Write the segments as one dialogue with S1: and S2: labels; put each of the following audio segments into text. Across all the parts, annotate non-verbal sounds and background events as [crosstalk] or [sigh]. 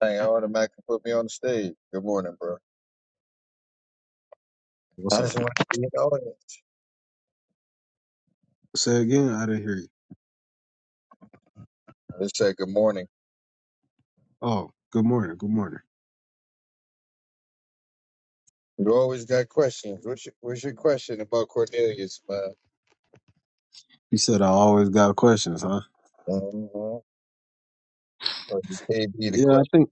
S1: Dang, I automatically put me on the stage. Good morning, bro.
S2: What's
S1: I
S2: up?
S1: just wanted to be in the audience.
S2: Say again, I didn't hear you.
S1: I just said good morning.
S2: Oh, good morning. Good morning.
S1: You always got questions. What's your, what's your question about Cornelius, man?
S2: You said I always got questions, huh?
S1: Mm-hmm. Or you can't be the
S2: Yeah, I
S1: question.
S2: think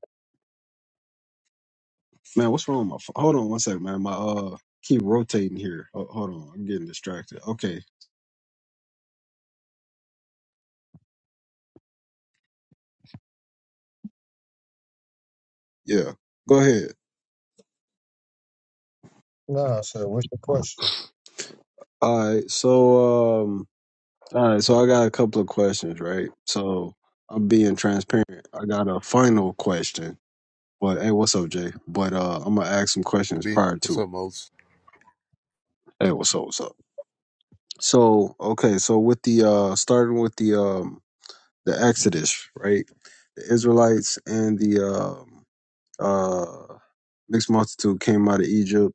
S2: man, what's wrong with my phone? Hold on one second, man. My uh keep rotating here. Ho- hold on. I'm getting distracted. Okay. Yeah. Go ahead.
S1: No, so what's the question?
S2: All right. So um all right, so I got a couple of questions, right? So I'm being transparent. I got a final question. But hey, what's up, Jay? But uh I'm gonna ask some questions
S3: Be.
S2: prior
S3: What's
S2: to.
S3: up, moles?
S2: Hey, what's up, what's up? So okay, so with the uh starting with the um the Exodus, right? The Israelites and the um, uh, mixed multitude came out of Egypt.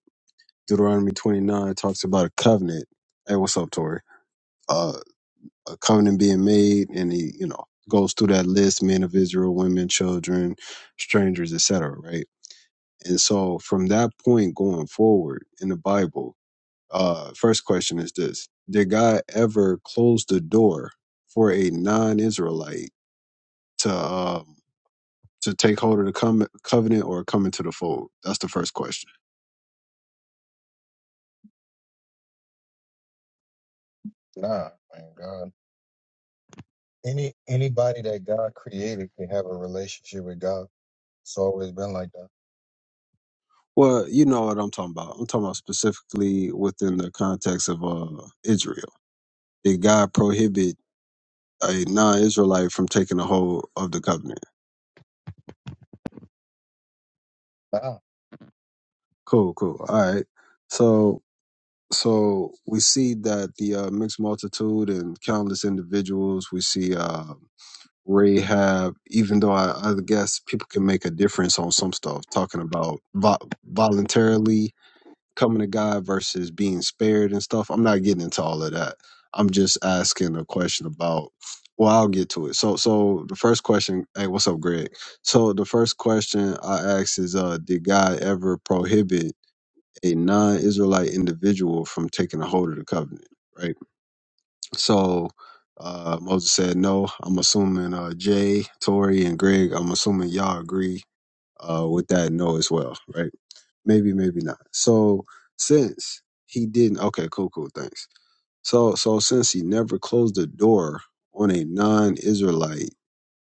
S2: Deuteronomy 29 talks about a covenant. Hey, what's up, Tori? Uh, a covenant being made, and he, you know, goes through that list: men of Israel, women, children, strangers, et cetera, Right? And so, from that point going forward in the Bible, uh, first question is this: Did God ever close the door for a non-Israelite to? Um, to take hold of the com- covenant or come into the fold? That's the first question.
S1: Nah, man, God. Any anybody that God created can have a relationship with God. It's always been like that.
S2: Well, you know what I'm talking about. I'm talking about specifically within the context of uh, Israel. Did God prohibit a non-Israelite from taking a hold of the covenant?
S1: Nah,
S2: Cool, cool. All right. So, so we see that the uh, mixed multitude and countless individuals. We see uh, Rahab. Even though I, I guess people can make a difference on some stuff, talking about vo- voluntarily coming to God versus being spared and stuff. I'm not getting into all of that. I'm just asking a question about. Well, I'll get to it. So, so the first question. Hey, what's up, Greg? So the first question I asked is, uh, did God ever prohibit a non-Israelite individual from taking a hold of the covenant? Right. So. Uh, Moses said no. I'm assuming uh, Jay, Tori, and Greg. I'm assuming y'all agree uh, with that no as well, right? maybe maybe not so since he didn't okay cool cool thanks so so since he never closed the door on a non-israelite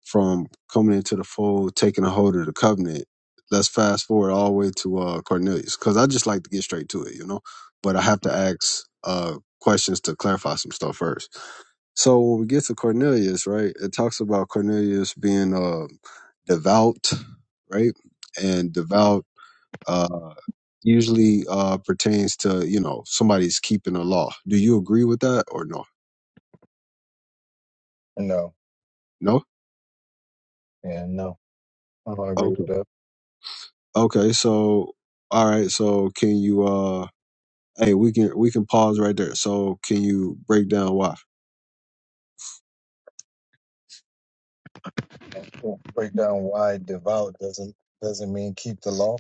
S2: from coming into the fold taking a hold of the covenant let's fast forward all the way to uh cornelius because i just like to get straight to it you know but i have to ask uh questions to clarify some stuff first so when we get to cornelius right it talks about cornelius being uh devout right and devout uh, usually uh, pertains to you know somebody's keeping a law. Do you agree with that or no?
S1: no,
S2: No.
S1: yeah, no. I don't agree
S2: Okay.
S1: with that.
S2: Okay. So all right. So can you? uh Hey, we can we can pause right there. So can you break down why?
S1: Break down why devout doesn't doesn't mean keep the law.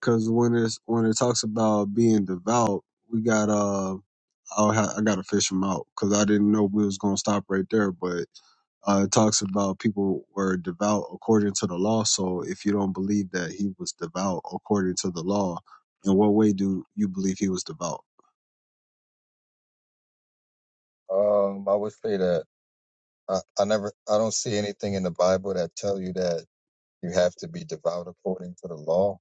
S2: Because when it's when it talks about being devout, we got uh I'll ha- I gotta fish them out because I didn't know we was gonna stop right there, but Uh, it talks about people were devout according to the law. So if you don't believe that he was devout according to the law, in what way do you believe he was devout?
S1: Um, I would say that. I, I never, I don't see anything in the Bible that tell you that you have to be devout according to the law.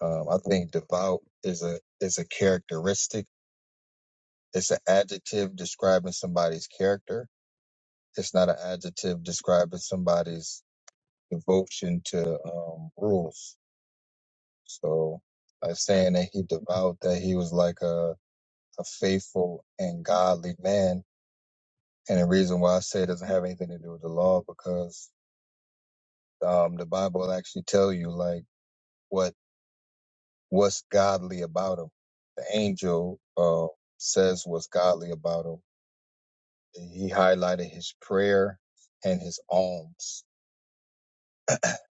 S1: Um, I think devout is a is a characteristic. It's an adjective describing somebody's character. It's not an adjective describing somebody's devotion to um, rules. So, like saying that he devout, that he was like a a faithful and godly man. And the reason why I say it doesn't have anything to do with the law because um, the Bible actually tell you like what what's godly about him. The angel uh, says what's godly about him. He highlighted his prayer and his alms.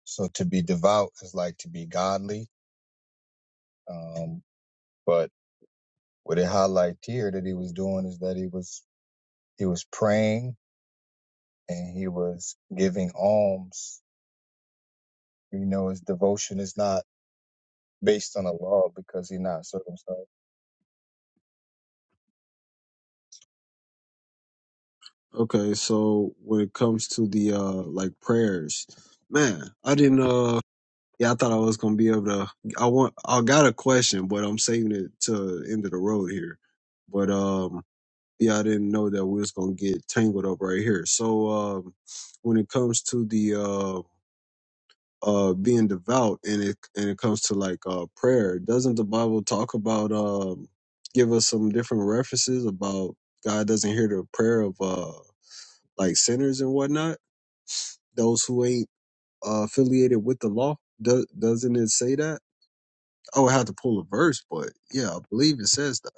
S1: So to be devout is like to be godly. Um, but what it highlighted here that he was doing is that he was he was praying and he was giving alms. You know, his devotion is not based on a law because he's not circumcised.
S2: Okay, so when it comes to the uh like prayers, man, I didn't uh yeah, I thought I was gonna be able to I want I got a question, but I'm saving it to end of the road here. But um yeah, I didn't know that we was gonna get tangled up right here. So um when it comes to the um uh being devout and it and it comes to like uh prayer doesn't the bible talk about um give us some different references about god doesn't hear the prayer of uh like sinners and whatnot those who ain't uh, affiliated with the law Do- doesn't it say that Oh, i would have to pull a verse but yeah i believe it says that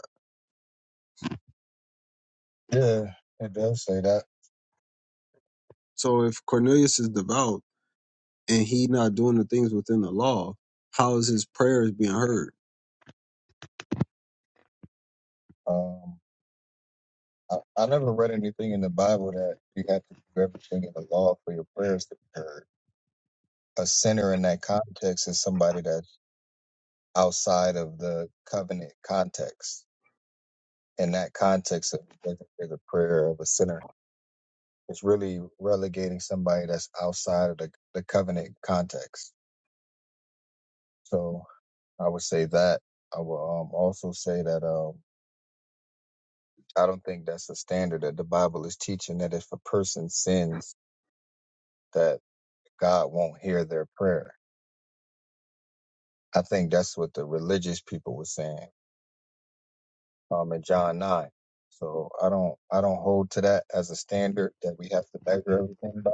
S1: Yeah, it does say that.
S2: so if cornelius is devout and he not doing the things within the law how is his prayers being heard
S1: Um, I, I never read anything in the Bible that you have to do everything in the law for your prayers to be heard. A sinner in that context is somebody that's outside of the covenant context. In that context, of the prayer of a sinner. It's really relegating somebody that's outside of the, the covenant context. So I would say that. I will um, also say that um, I don't think that's a standard that the Bible is teaching that if a person sins, that God won't hear their prayer I think that's what the religious people were saying um, in John nine. So I don't I don't hold to that as a standard that we have to measure everything by.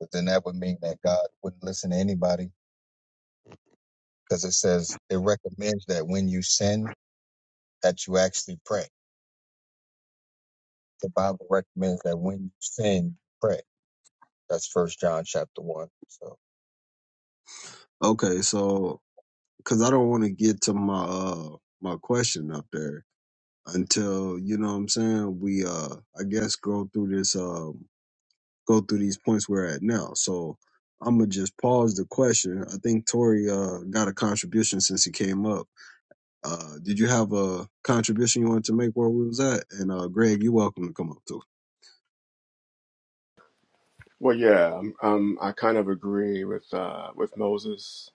S1: But then that would mean that God wouldn't listen to anybody because it says it recommends that when you sin that you actually pray. The Bible recommends that when you sin, pray. That's First John chapter one. So
S2: okay so because I don't want to get to my uh my question up there until you know what I'm saying we uh I guess go through this um go through these points we're at now. So I'm gonna just pause the question. I think Tori uh got a contribution since he came up. Uh, did you have a contribution you wanted to make where we was at? And uh, Greg, you're welcome to come up too.
S4: Well, yeah, um, um, I kind of agree with uh, with Moses.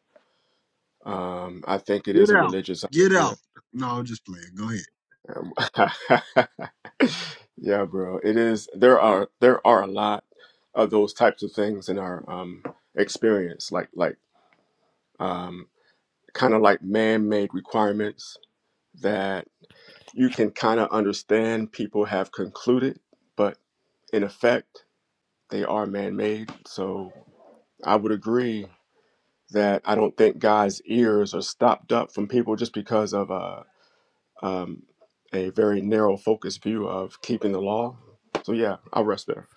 S4: Um, I think it
S2: Get
S4: is a
S2: out.
S4: religious
S2: Get out.
S4: idea.
S2: No, I'm just playing. Go ahead.
S4: Um, [laughs] yeah, bro, it is. There are there are a lot of those types of things in our um, experience, like like um, kind of like man made requirements that you can kind of understand. People have concluded, but in effect, they are man made. So I would agree that I don't think God's ears are stopped up from people just because of a um, a very narrow focused view of keeping the law. So yeah, I'll rest there.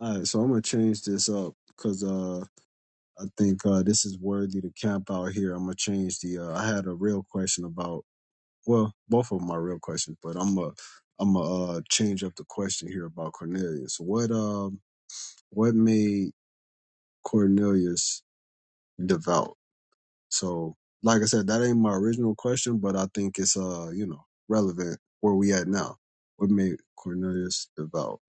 S2: All right, so I'm gonna change this up because I think uh, this is worthy to camp out here. I'm gonna change the. Uh, I had a real question about. Well, both of them are real questions, but I'm a. I'm gonna uh, change up the question here about Cornelius. What um what made Cornelius devout? So, like I said, that ain't my original question, but I think it's uh you know relevant where we at now. What made Cornelius devout?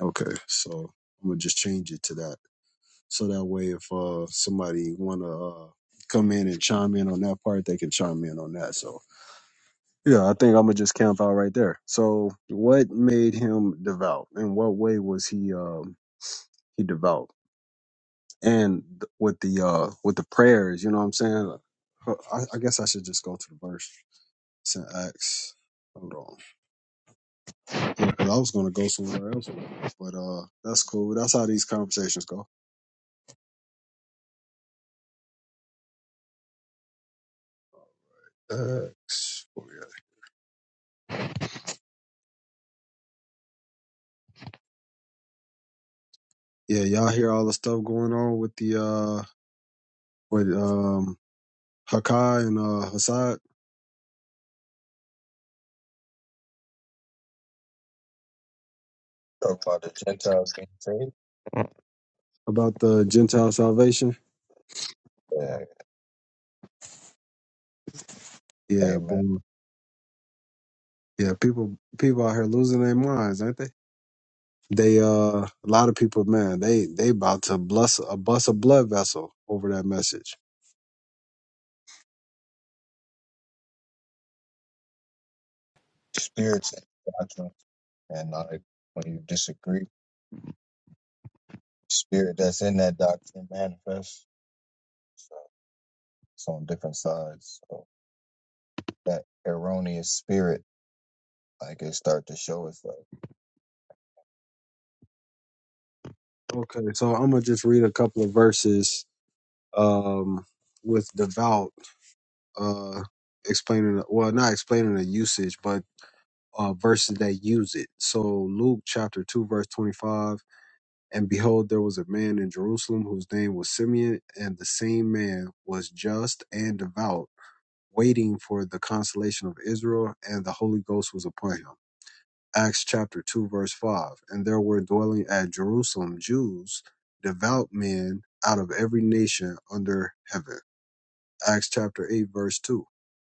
S2: Okay, so I'm gonna just change it to that. So that way, if uh, somebody want to uh, come in and chime in on that part, they can chime in on that. So yeah, I think I'm gonna just camp out right there. So what made him devout? In what way was he um, he devout? And th- with the uh, with the prayers, you know what I'm saying? Uh, I, I guess I should just go to the verse. Saint Acts. Hold on, 'Cause I was gonna go somewhere else, with it. but uh, that's cool. That's how these conversations go. Acts. Yeah, y'all hear all the stuff going on with the uh with um Hakai and uh Hassad
S1: talking about the Gentiles being saved.
S2: about the Gentile salvation.
S1: Yeah,
S2: Yeah,
S1: amen.
S2: boy. Yeah, people people out here losing their minds, aren't they? They uh a lot of people, man, they they about to bless a bust a blood vessel over that message.
S1: Spirits and doctrine, and like when you disagree. spirit that's in that doctrine manifests. So it's on different sides. So that erroneous spirit, like it start to show itself.
S2: Okay, so I'm gonna just read a couple of verses um with devout uh explaining well not explaining the usage, but uh verses that use it. So Luke chapter two, verse twenty five. And behold, there was a man in Jerusalem whose name was Simeon, and the same man was just and devout, waiting for the consolation of Israel, and the Holy Ghost was upon him. Acts chapter 2, verse 5. And there were dwelling at Jerusalem Jews, devout men out of every nation under heaven. Acts chapter 8, verse 2.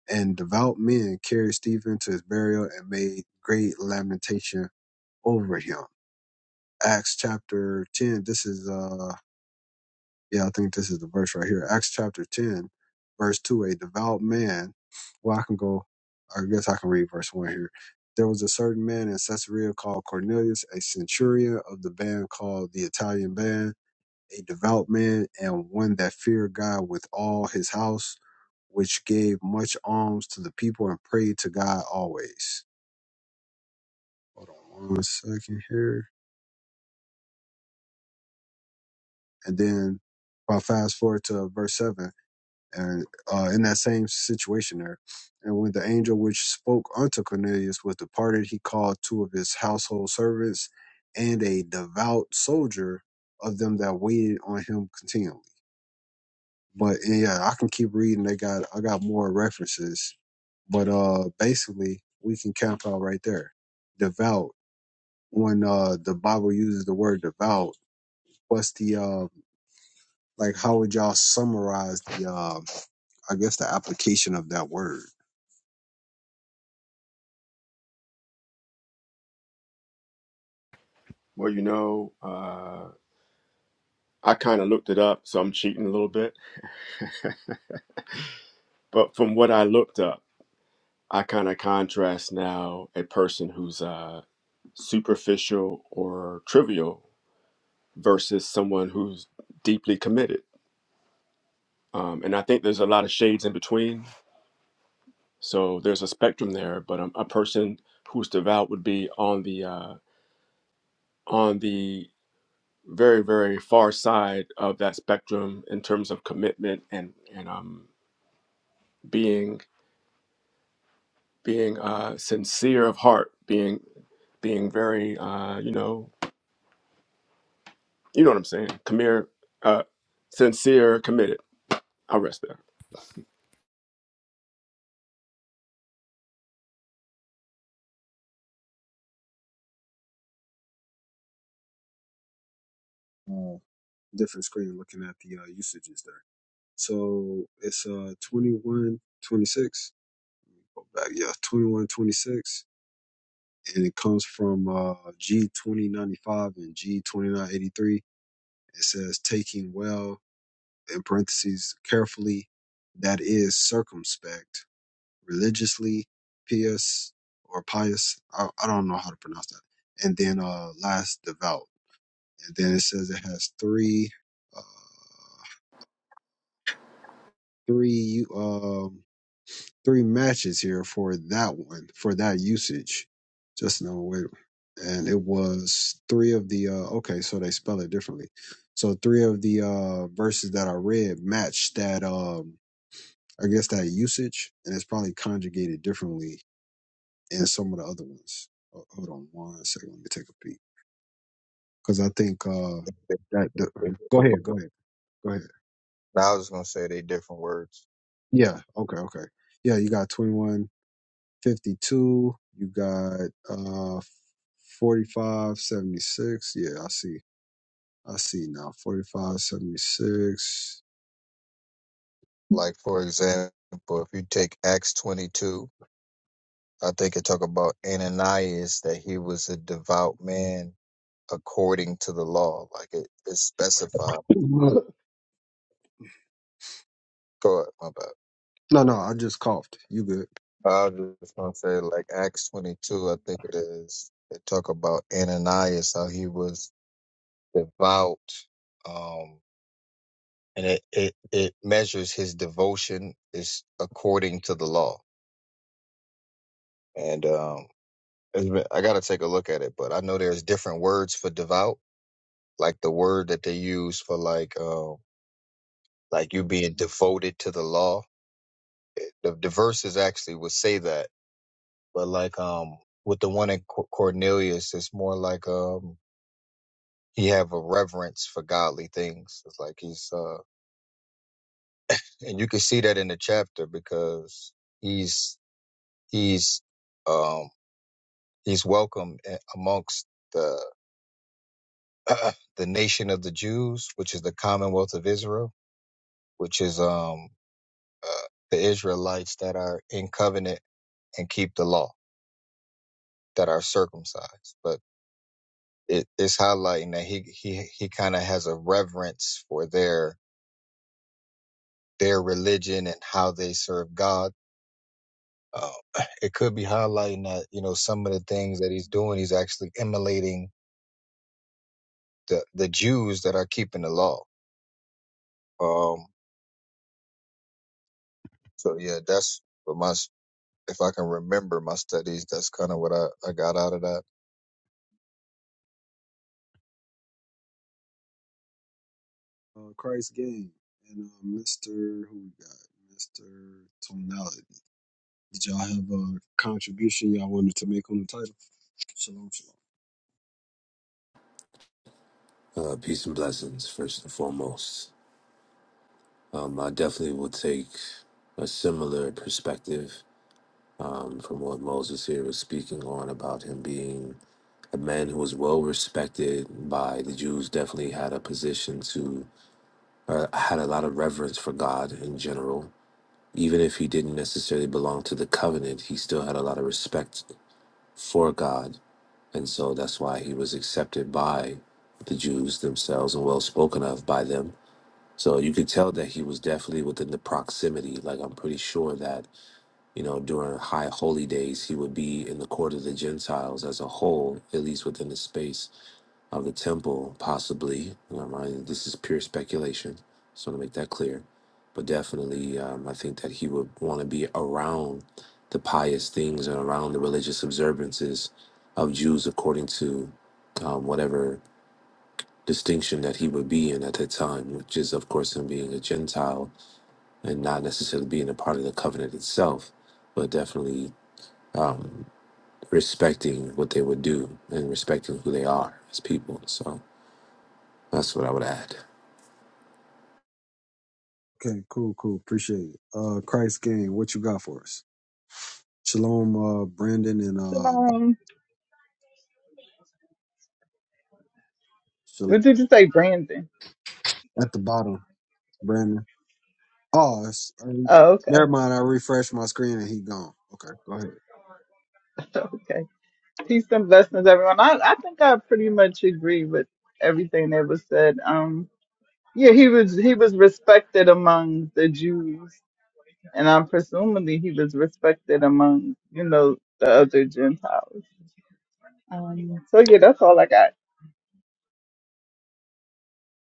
S2: And devout men carried Stephen to his burial and made great lamentation over him. Acts chapter 10, this is uh Yeah, I think this is the verse right here. Acts chapter 10, verse 2. A devout man. Well, I can go, I guess I can read verse 1 here. There was a certain man in Caesarea called Cornelius, a centurion of the band called the Italian Band, a devout man and one that feared God with all his house, which gave much alms to the people and prayed to God always. Hold on one second here. And then if I fast forward to verse 7, and uh, in that same situation there. And when the angel which spoke unto Cornelius was departed, he called two of his household servants and a devout soldier of them that waited on him continually. But and yeah, I can keep reading. They got I got more references, but uh, basically we can camp out right there. Devout. When uh the Bible uses the word devout, what's the uh like? How would y'all summarize the uh I guess the application of that word?
S4: Well, you know, uh, I kind of looked it up, so I'm cheating a little bit. But from what I looked up, I kind of contrast now a person who's uh, superficial or trivial versus someone who's deeply committed. Um, and I think there's a lot of shades in between So there's a spectrum there, but um, a person who's devout would be on the uh, on the very very far side of that spectrum in terms of commitment and and um, being being uh, sincere of heart, being being very uh, you know you know what I'm saying, commere, uh, sincere, committed. I'll rest there.
S2: uh, different screen looking at the uh, usages there. So it's uh 21 26. back yeah 21 26, and it comes from uh G2095 and G2983 it says taking well in parentheses carefully that is circumspect religiously pious or pious I, I don't know how to pronounce that and then uh last devout and then it says it has three uh three um three matches here for that one for that usage just no wait and it was three of the uh okay so they spell it differently so three of the uh verses that i read matched that um i guess that usage and it's probably conjugated differently in some of the other ones Ho- hold on one second let me take a peek because i think uh that the, go ahead go ahead go ahead
S1: Now I was gonna say they different words.
S2: Yeah. Okay. Okay. Yeah. You got 2152. You got uh 4576. Yeah. I see. I see now. 4576.
S1: Like for example, if you take Acts twenty two, I think it talk about Ananias that he was a devout man according to the law. Like it is specified.
S2: [clears throat] no,
S1: Go ahead, my bad.
S2: no. I just coughed. You good.
S1: I was just gonna say like Acts twenty two, I think it is. They talk about Ananias, how he was devout, um, and it, it, it measures his devotion is according to the law. And um, it's been- I got to take a look at it, but I know there's different words for devout, like the word that they use for like uh, like you being devoted to the law. It, the, the verses actually would say that, but like um, with the one in Cor- Cornelius, it's more like um, he have a reverence for godly things. It's like he's uh, and you can see that in the chapter because he's he's um he's welcome eh, amongst the [clears throat] uh, the nation of the Jews, which is the Commonwealth of Israel, which is um uh, the Israelites that are in covenant and keep the law that are circumcised. But it, it's highlighting that he he he kind of has a reverence for their their religion and how they serve God Uh, [sighs] it could be highlighting that you know some of the things that he's doing, he's actually emulating the the Jews that are keeping the law. Um, so yeah, that's what my s- if I can remember my studies, that's kind of what I, I got out of that.
S2: Uh, Christ game. And uh, Mr. Who we got? Mr. Tonality. Did y'all have a contribution y'all wanted to make on the title? Shalom, shalom.
S5: Uh, peace and blessings, first and foremost. Um, I definitely will take a similar perspective um, from what Moses here was speaking on about him being a man who was well respected by the Jews, definitely had a position to, uh, had a lot of reverence for God in general. Even if he didn't necessarily belong to the covenant, he still had a lot of respect for God. And so that's why he was accepted by the Jews themselves and well spoken of by them So you could tell that he was definitely within the proximity. Like I'm pretty sure that, you know, during high holy days, he would be in the court of the Gentiles as a whole, at least within the space of the temple, possibly. You know, mind, this is pure speculation. Just want to make that clear. But definitely, um, I think that he would want to be around the pious things and around the religious observances of Jews according to um, whatever distinction that he would be in at that time, which is, of course, him being a Gentile and not necessarily being a part of the covenant itself, but definitely respecting what they would do and respecting who they are as people. So that's what I would add.
S2: Okay, cool, cool. Appreciate it. Uh, Christ game. What you got for us? Shalom, uh, Brandon and uh, Bob.
S6: Shalom. What did you say, Brandon?
S2: at the bottom, Brandon. Oh, it's, I mean,
S6: Oh,
S2: never
S6: okay.
S2: mind. I refreshed my screen and he gone. Okay, go ahead.
S6: [laughs] Okay. Peace and blessings, everyone. I, I think I pretty much agree with everything that was said. Um, yeah, he was he was respected among the Jews, and I'm presumably he was respected among you know the other Gentiles. Um, so yeah, that's all I got.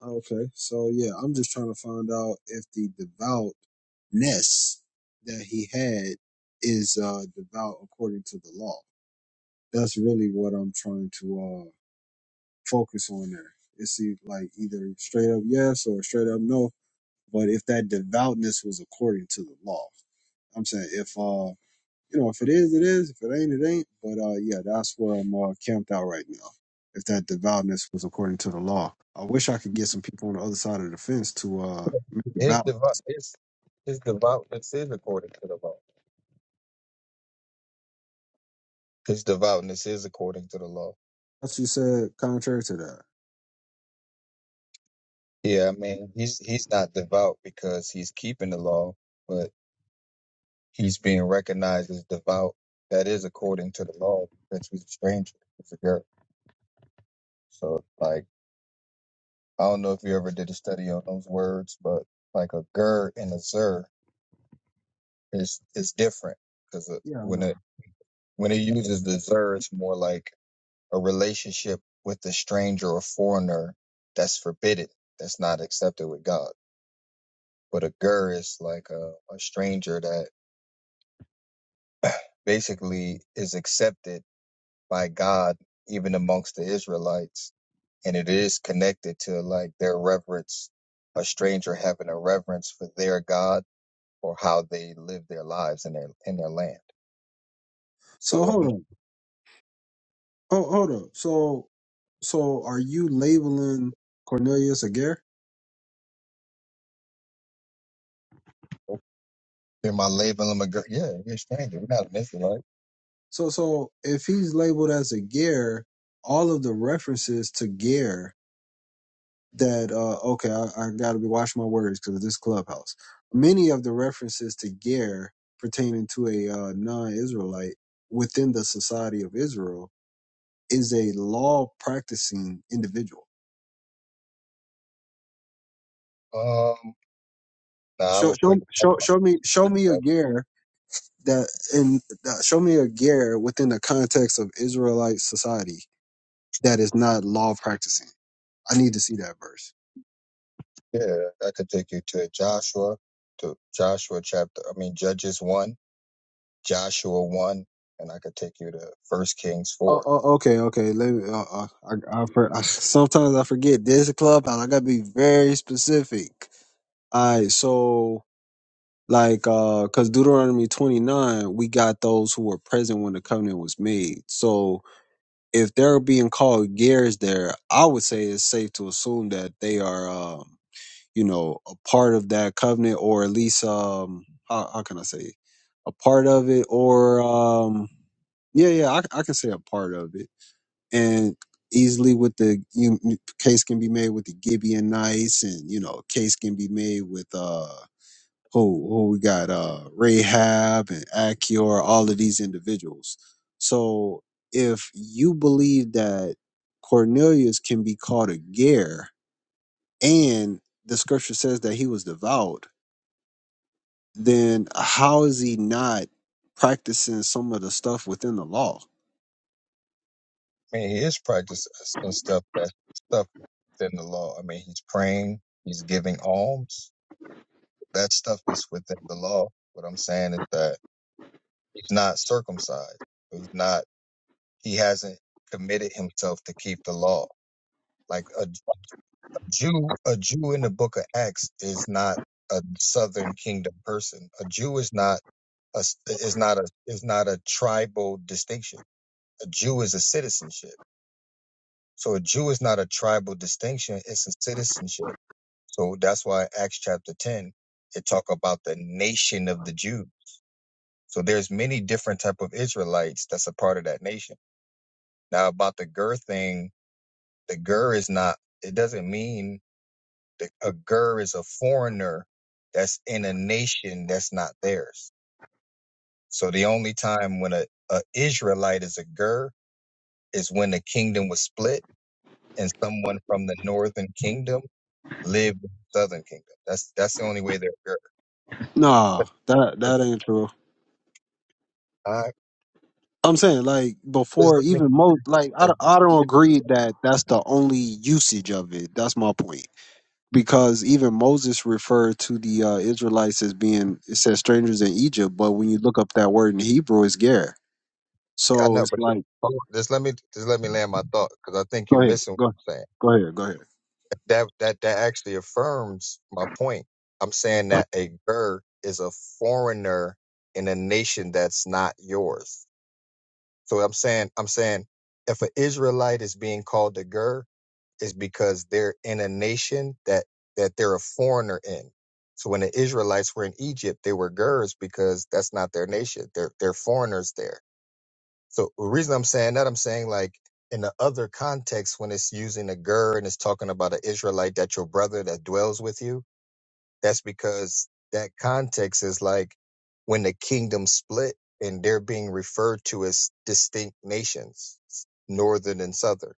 S2: Okay, so yeah, I'm just trying to find out if the devoutness that he had is uh devout according to the law. That's really what I'm trying to uh focus on there. It's e- like either straight up yes or straight up no. But if that devoutness was according to the law, I'm saying if uh you know, if it is, it is. If it ain't, it ain't. But uh, yeah, that's where I'm uh, camped out right now. If that devoutness was according to the law, I wish I could get some people on the other side of the fence to uh make it
S1: His
S2: balance.
S1: devout his his devoutness is according to the law. His devoutness is according to the law.
S2: That's you said contrary to that.
S1: Yeah, I mean he's he's not devout because he's keeping the law, but he's being recognized as devout. That is according to the law that he's a stranger. So like I don't know if you ever did a study on those words, but like a ger and a zer is is different because
S2: Yeah, I
S1: when
S2: know.
S1: it when it uses the zer, it's more like a relationship with a stranger or foreigner that's forbidden, that's not accepted with God. But a ger is like a, a stranger that basically is accepted by God even amongst the Israelites, and it is connected to like their reverence, a stranger having a reverence for their God Or how they live their lives in their in their land.
S2: So
S1: So
S2: hold on. Oh, hold up. So, so are you labeling Cornelius a Gare?
S1: um, in my label, I'm a girl. Yeah, you're a stranger. We're not missing Israelite.
S2: So, so if he's labeled as a Gare, all of the references to Gare that uh okay i, I gotta be watching my words because of this clubhouse many of the references to ger pertaining to a uh, non-israelite within the society of israel is a law practicing individual
S1: Um, now I
S2: show
S1: will
S2: show
S1: put
S2: show, show me show me a ger that and uh, show me a ger within the context of israelite society that is not law practicing i need to see that verse
S1: yeah, I could take you to Joshua, to Joshua chapter. I mean Judges one, Joshua one, and I could take you to First Kings
S2: Oh,
S1: four.
S2: oh, okay, okay. Let me. Uh, uh, I, I, for, I sometimes I forget. This is a clubhouse. I gotta be very specific. All right, so like, uh, cause Deuteronomy twenty nine, we got those who were present when the covenant was made. So if they're being called gears, there, I would say it's safe to assume that they are, um, you know, a part of that covenant, or at least, um, how, how can I say, a part of it, or, um, yeah, yeah, I, I can say a part of it and easily with the you, you- case can be made with the Gibby and Nice, and you know, case can be made with uh who who we got uh Rahab and Achior, all of these individuals. So if you believe that Cornelius can be called a Ger, and the scripture says that he was devout, then how is he not practicing some of the stuff within the law?
S1: I mean, he is practicing and stuff that stuff within the law. I mean, he's praying, he's giving alms. That stuff is within the law. What I'm saying is that he's not circumcised. He's not he hasn't committed himself to keep the law. Like a, a Jew, a Jew in the book of Acts is not a southern kingdom person. A Jew is not a is not a is not a tribal distinction. A Jew is a citizenship. So a Jew is not a tribal distinction, it's a citizenship. So that's why Acts chapter 10 it talk about the nation of the Jews. So there's many different type of Israelites that's a part of that nation. Now about the girth thing, The gur is not, it doesn't mean that a gur is a foreigner that's in a nation that's not theirs. So the only time when a, a Israelite is a gur is when the kingdom was split and someone from the northern kingdom lived in the southern kingdom. That's that's the only way they're a gur.
S2: Nah, that that ain't true.
S1: [laughs] All right.
S2: I'm saying like
S1: just
S2: before
S1: let
S2: even
S1: me,
S2: most like I, don't- I don't agree that that's the only usage of it. That's my point because even Moses referred to the uh, Israelites as being it says strangers in Egypt, but when you look up that word in Hebrew, it's ger.
S1: [laughs] I
S2: So
S1: know,
S2: it's
S1: but just,
S2: like
S1: hold on, just let me just let me land my thought because I think you're
S2: go ahead,
S1: missing what
S2: go
S1: I'm saying.
S2: go ahead, go ahead.
S1: that that that actually affirms my point. I'm saying that a Gur is a foreigner in a nation that's not yours. So I'm saying I'm saying if an Israelite is being called a Gur, it's because they're in a nation that that they're a foreigner in. So when the Israelites were in Egypt, they were Gurs because that's not their nation. They're they're foreigners there so the reason I'm saying that, I'm saying like in the other context, when it's using a ger and it's talking about an Israelite that your brother that dwells with you, that's because that context is like when the kingdom split and they're being referred to as distinct nations, northern and southern.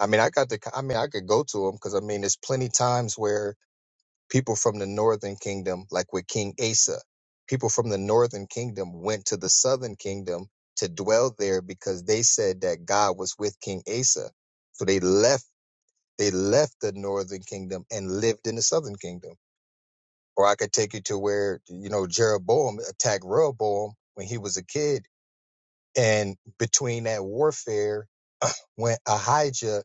S1: I mean, I got the, I mean, I could go to them because I mean, there's plenty times where people from the northern kingdom, like with King Asa, people from the northern kingdom went to the southern kingdom to dwell there because they said that God was with King Asa. So they left they left the northern kingdom and lived in the southern kingdom. Or I could take you to where, you know, Jeroboam attacked Rehoboam when he was a kid. And between that warfare went Ahijah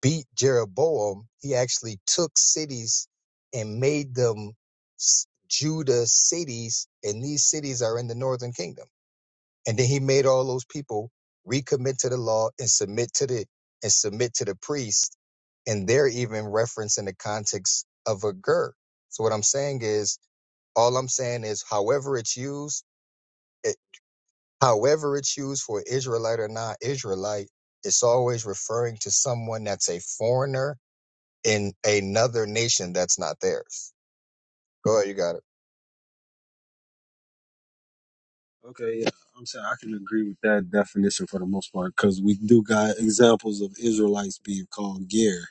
S1: beat Jeroboam, he actually took cities and made them Judah cities, and these cities are in the northern kingdom. And then he made all those people recommit to the law and submit to the and submit to the priest, and they're even referenced in the context of a ger. So what I'm saying is, all I'm saying is, however it's used, it, however it's used for Israelite or not Israelite, it's always referring to someone that's a foreigner in another nation that's not theirs. Go ahead, you got it.
S2: Okay, yeah, I'm saying I can agree with that definition for the most part because we do got examples of Israelites being called ger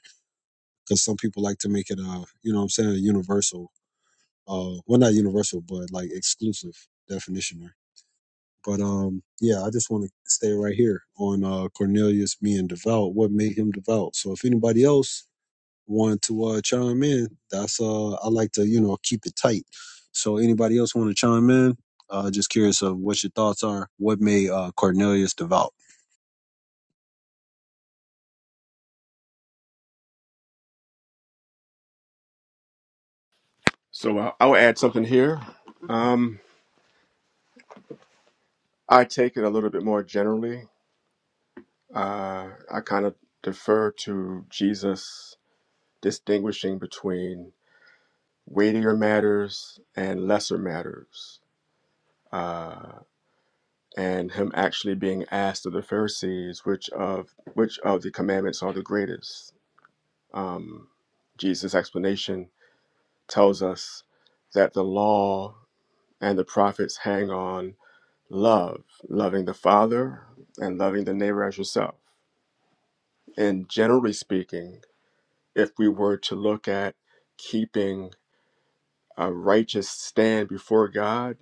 S2: because some people like to make it a you know what I'm saying a universal uh well not universal but like exclusive definitioner but um yeah i just want to stay right here on uh cornelius being devout what made him devout so if anybody else want to uh chime in that's uh i like to you know keep it tight so anybody else want to chime in uh just curious of what your thoughts are what made uh cornelius devout
S4: So uh, I'll add something here. Um, I take it a little bit more generally. Uh, I kind of defer to Jesus distinguishing between weightier matters and lesser matters, uh, and him actually being asked of the Pharisees which of which of the commandments are the greatest. Um, Jesus' explanation tells us that the law and the prophets hang on love, loving the Father and loving the neighbor as yourself. And generally speaking, if we were to look at keeping a righteous stand before God,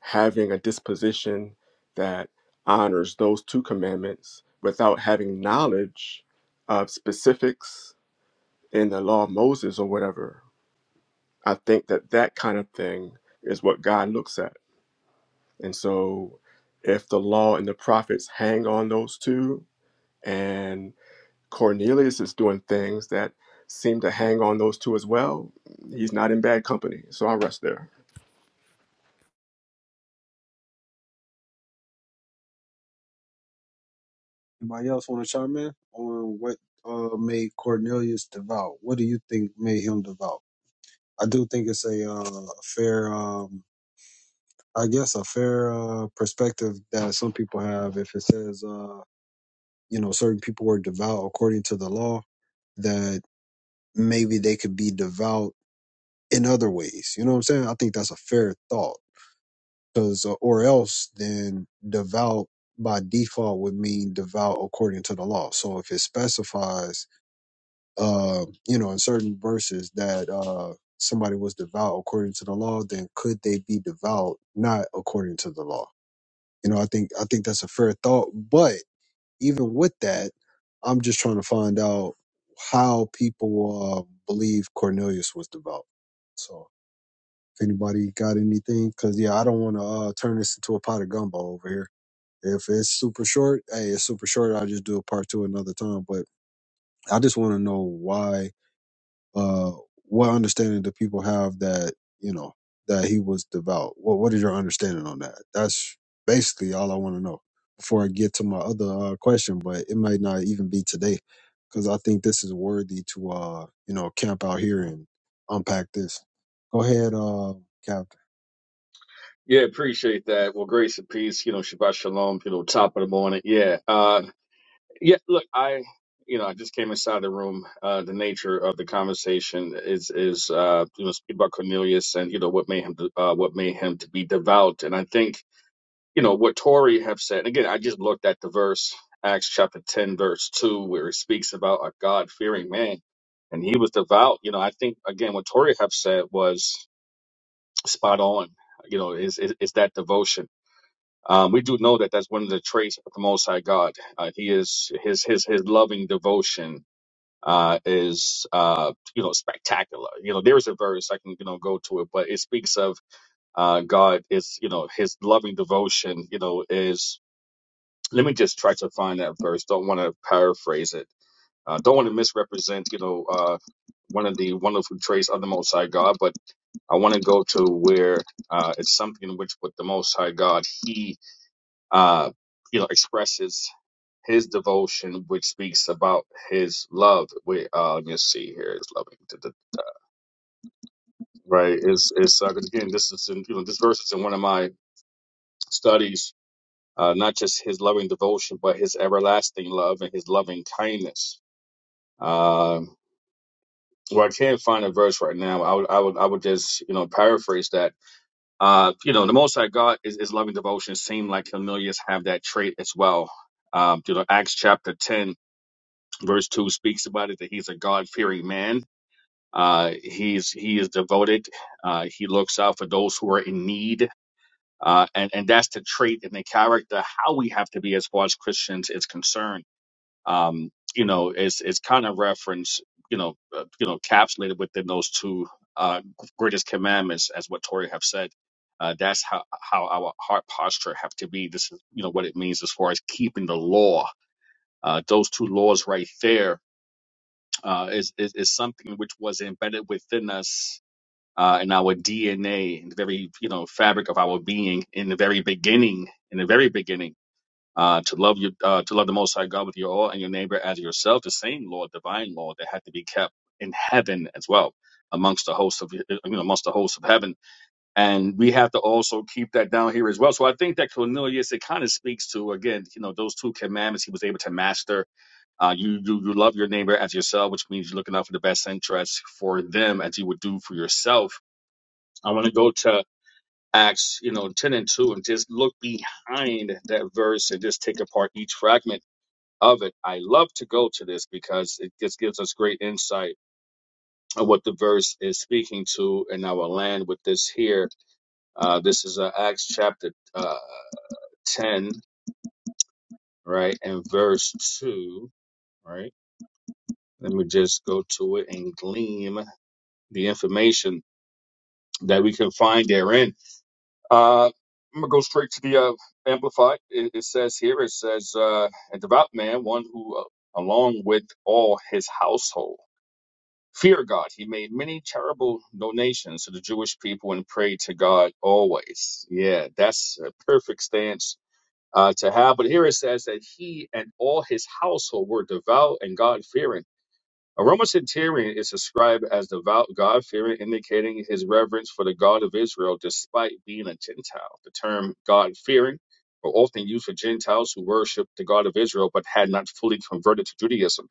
S4: having a disposition that honors those two commandments without having knowledge of specifics in the law of Moses or whatever. I think that that kind of thing is what God looks at. And so if the law and the prophets hang on those two, and Cornelius is doing things that seem to hang on those two as well, he's not in bad company. So I rest there.
S2: anybody else want to chime in on what uh made cornelius devout what do you think made him devout i do think it's a uh a fair um I guess a fair uh, perspective that some people have if it says uh, you know certain people were devout according to the law that maybe they could be devout in other ways. You know what I'm saying? I think that's a fair thought because uh, or else then devout by default would mean devout according to the law. So if it specifies uh, you know in certain verses that uh, somebody was devout according to the law, then could they be devout not according to the law? You know, I think I think that's a fair thought. But even with that, I'm just trying to find out how people uh, believe Cornelius was devout. So if anybody got anything, because yeah, I don't want to uh, turn this into a pot of gumbo over here. If it's super short, hey, it's super short. I'll just do a part two another time. But I just want to know why uh, what understanding do people have that you know that he was devout? What What is your understanding on that? That's basically all I want to know before I get to my other uh, question. But it might not even be today because I think this is worthy to uh you know camp out here and unpack this. Go ahead, uh, Captain.
S7: Yeah, appreciate that. Well, grace and peace, you know, Shabbat Shalom, you know, top of the morning. Yeah. Uh yeah, look, I you know, I just came inside the room. Uh the nature of the conversation is is uh you know, speak about Cornelius and you know what made him to- uh what made him to be devout. And I think, you know, what Tori have said, and again, I just looked at the verse, Acts chapter ten, verse two, where it speaks about a God fearing man and he was devout. You know, I think again what Tori have said was spot on. You know, is is, is that devotion um, we do know that that's one of the traits of the Most High God. Uh, he is his his his loving devotion uh, is uh, you know spectacular. You know there is a verse I can you know go to it, but it speaks of uh, God is you know his loving devotion. You know is let me just try to find that verse. Don't want to paraphrase it. Uh, don't want to misrepresent. You know uh, one of the wonderful traits of the Most High God, but I want to go to where uh, it's something which with the Most High God He uh, you know, expresses his devotion, which speaks about his love. We uh, you see here is loving, to the- right? Is is uh, 'cause again, this is in you know, this verse is in one of my studies. Uh, not just his loving devotion, but his everlasting love and his loving kindness. Um, well, I can't find a verse right now. I would, I would, I would just, you know, paraphrase that. Uh, you know, the Most High God is, is loving devotion. Seem like Cornelius have that trait as well. Um, you know, Acts chapter ten, verse 2 speaks about it that he's a god-fearing man uh he's he is devoted uh he looks out for those who are in need uh and and that's the trait and the character how we have to be as far as christians is concerned um you know it's it's kind of reference you know uh, you know capsulated within those two uh greatest commandments as what tori have said uh, that's how, how our heart posture have to be. This is, you know, what it means as far as keeping the law. Uh, those two laws right there uh, is, is is something which was embedded within us uh, in our DNA, in the very you know fabric of our being, in the very beginning, in the very beginning, uh, to love you, uh, to love the Most High God with your all and your neighbor as yourself, the same law, divine law that had to be kept in heaven as well, amongst the hosts of you know amongst the hosts of heaven, and we have to also keep that down here as well. So I think that Cornelius it kind of speaks to again you know those two commandments he was able to master uh, you, you you love your neighbor as yourself, which means you're looking out for the best interests for them as you would do for yourself. I want to go to Acts, you know, ten and two, and just look behind that verse and just take apart each fragment of it. I love to go to this because it just gives us great insight of what the verse is speaking to, and I will land with this here. Uh, this is uh, Acts chapter uh, ten, right, and verse two, right. Let me just go to it and gleam the information that we can find therein. Uh, I'm gonna go straight to the uh, Amplified. It, it says here, it says, uh, "A devout man, one who, uh, along with all his household, fear God. He made many charitable donations to the Jewish people and prayed to God always." Yeah, that's a perfect stance. Uh, to have, but here it says that he and all his household were devout and God fearing. A Romacenterian is described as devout, God fearing, indicating his reverence for the God of Israel despite being a Gentile. The term God fearing were often used for Gentiles who worshiped the God of Israel but had not fully converted to Judaism.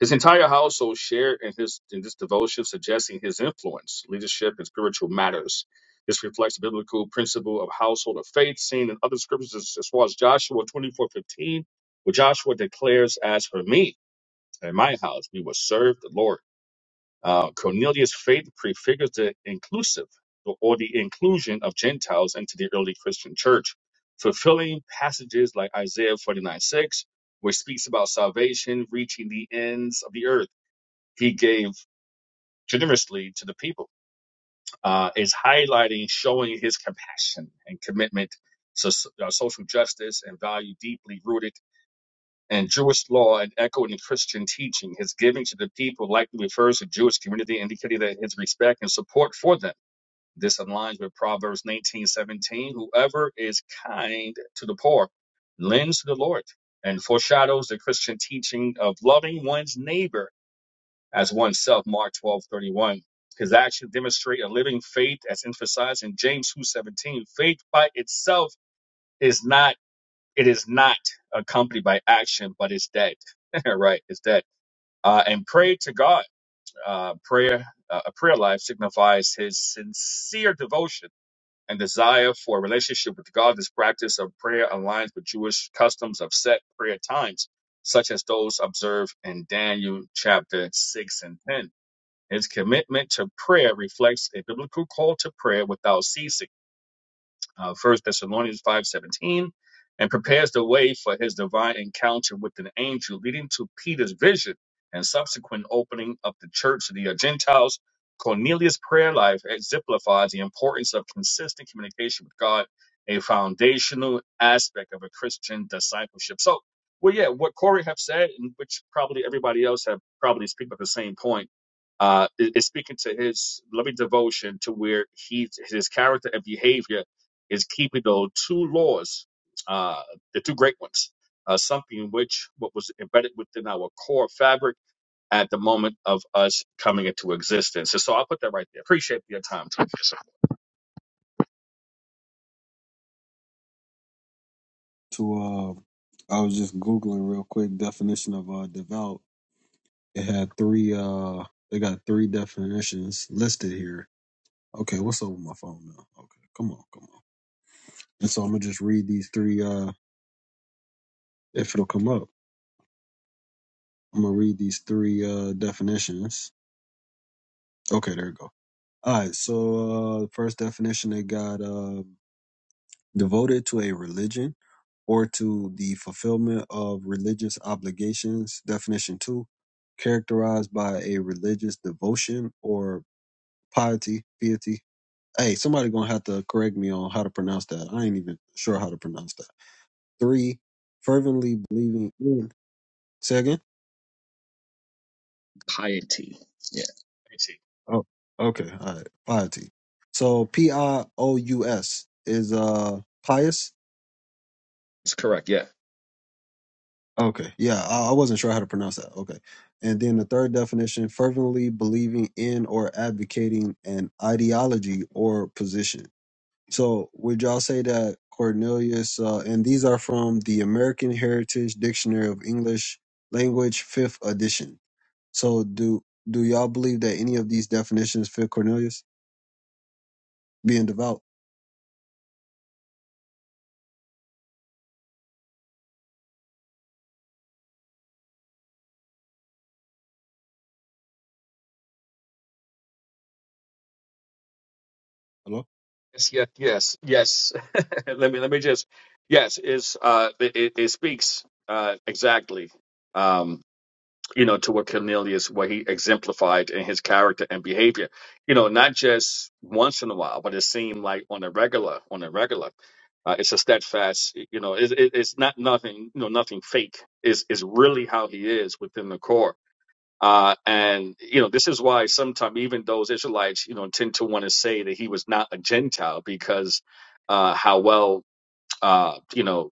S7: His entire household shared in his in this devotion, suggesting his influence, leadership, and spiritual matters. This reflects the biblical principle of household of faith seen in other scriptures as as far as Joshua 24:15, where Joshua declares, As for me, at my house, we will serve the Lord. Uh, Cornelius' faith prefigures the inclusive so, or the inclusion of Gentiles into the early Christian church, fulfilling passages like Isaiah 49 6, which speaks about salvation reaching the ends of the earth. He gave generously to the people, uh, is highlighting, showing his compassion and commitment to so- uh, social justice and value deeply rooted and Jewish law and echoed in Christian teaching. His giving to the people likely refers to Jewish community, indicating that his respect and support for them. This aligns with Proverbs 19:17. Whoever is kind to the poor lends to the Lord and foreshadows the Christian teaching of loving one's neighbor as oneself, Mark 12:31. His actions demonstrate a living faith as emphasized in James 2:17. Faith by itself is not." it is not accompanied by action, but it's dead. [laughs] right? It's dead. Uh, and pray to God. Uh, prayer, uh, a prayer life signifies his sincere devotion and desire for a relationship with God. This practice of prayer aligns with Jewish customs of set prayer times, such as those observed in Daniel chapter 6 and 10. His commitment to prayer reflects a biblical call to prayer without ceasing uh, 1 Thessalonians 5.17, and prepares the way for his divine encounter with an angel, leading to Peter's vision and subsequent opening up the church to the Gentiles. Cornelius' prayer life exemplifies the importance of consistent communication with God, a foundational aspect of a Christian discipleship. So, well, yeah, what Corey have said, and which probably everybody else have probably speak about the same point, uh, is, is speaking to his loving devotion to where he his character and behavior is keeping the two laws, uh, the two great ones, uh, something which what was embedded within our core fabric at the moment of us coming into existence. And so I'll put that right there. Appreciate your time.
S2: To uh, I was just googling real quick definition of uh devout. It had three uh, they got three definitions listed here Okay, what's up with my phone now? Okay, come on, come on. And so I'm gonna just read these three. Uh, if it'll come up, I'm gonna read these three uh definitions. Okay, there we go. All right, so uh, first definition they got uh, devoted to a religion or to the fulfillment of religious obligations. Definition two, characterized by a religious devotion or piety, piety. Hey, somebody gonna have to correct me on how to pronounce that. I ain't even sure how to pronounce that Three, fervently believing in. Say again?
S7: Piety. Yeah. Piety.
S2: Oh, okay. All right. Piety. So P I O U S is uh pious.
S7: That's correct. Yeah.
S2: Okay. Yeah, I, I wasn't sure how to pronounce that. Okay. And then the third definition, fervently believing in or advocating an ideology or position. So would y'all say that Cornelius, uh, and these are from the American Heritage Dictionary of English Language, fifth edition. So do do y'all believe that any of these definitions fit Cornelius being devout? Hello.
S7: Yes. Yeah, yes. Yes. [laughs] let me let me just. Yes. Is uh. It, it, it speaks uh exactly. um, you know, to what Cornelius, what he exemplified in his character and behavior, you know, not just once in a while, but it seemed like on a regular, on a regular. Uh, it's a steadfast, you know, it, it, it's not nothing, you know, nothing fake. It's, it's really how he is within the core. Uh, and, you know, this is why sometimes even those Israelites, you know, tend to want to say that he was not a Gentile because uh, how well, uh, you know,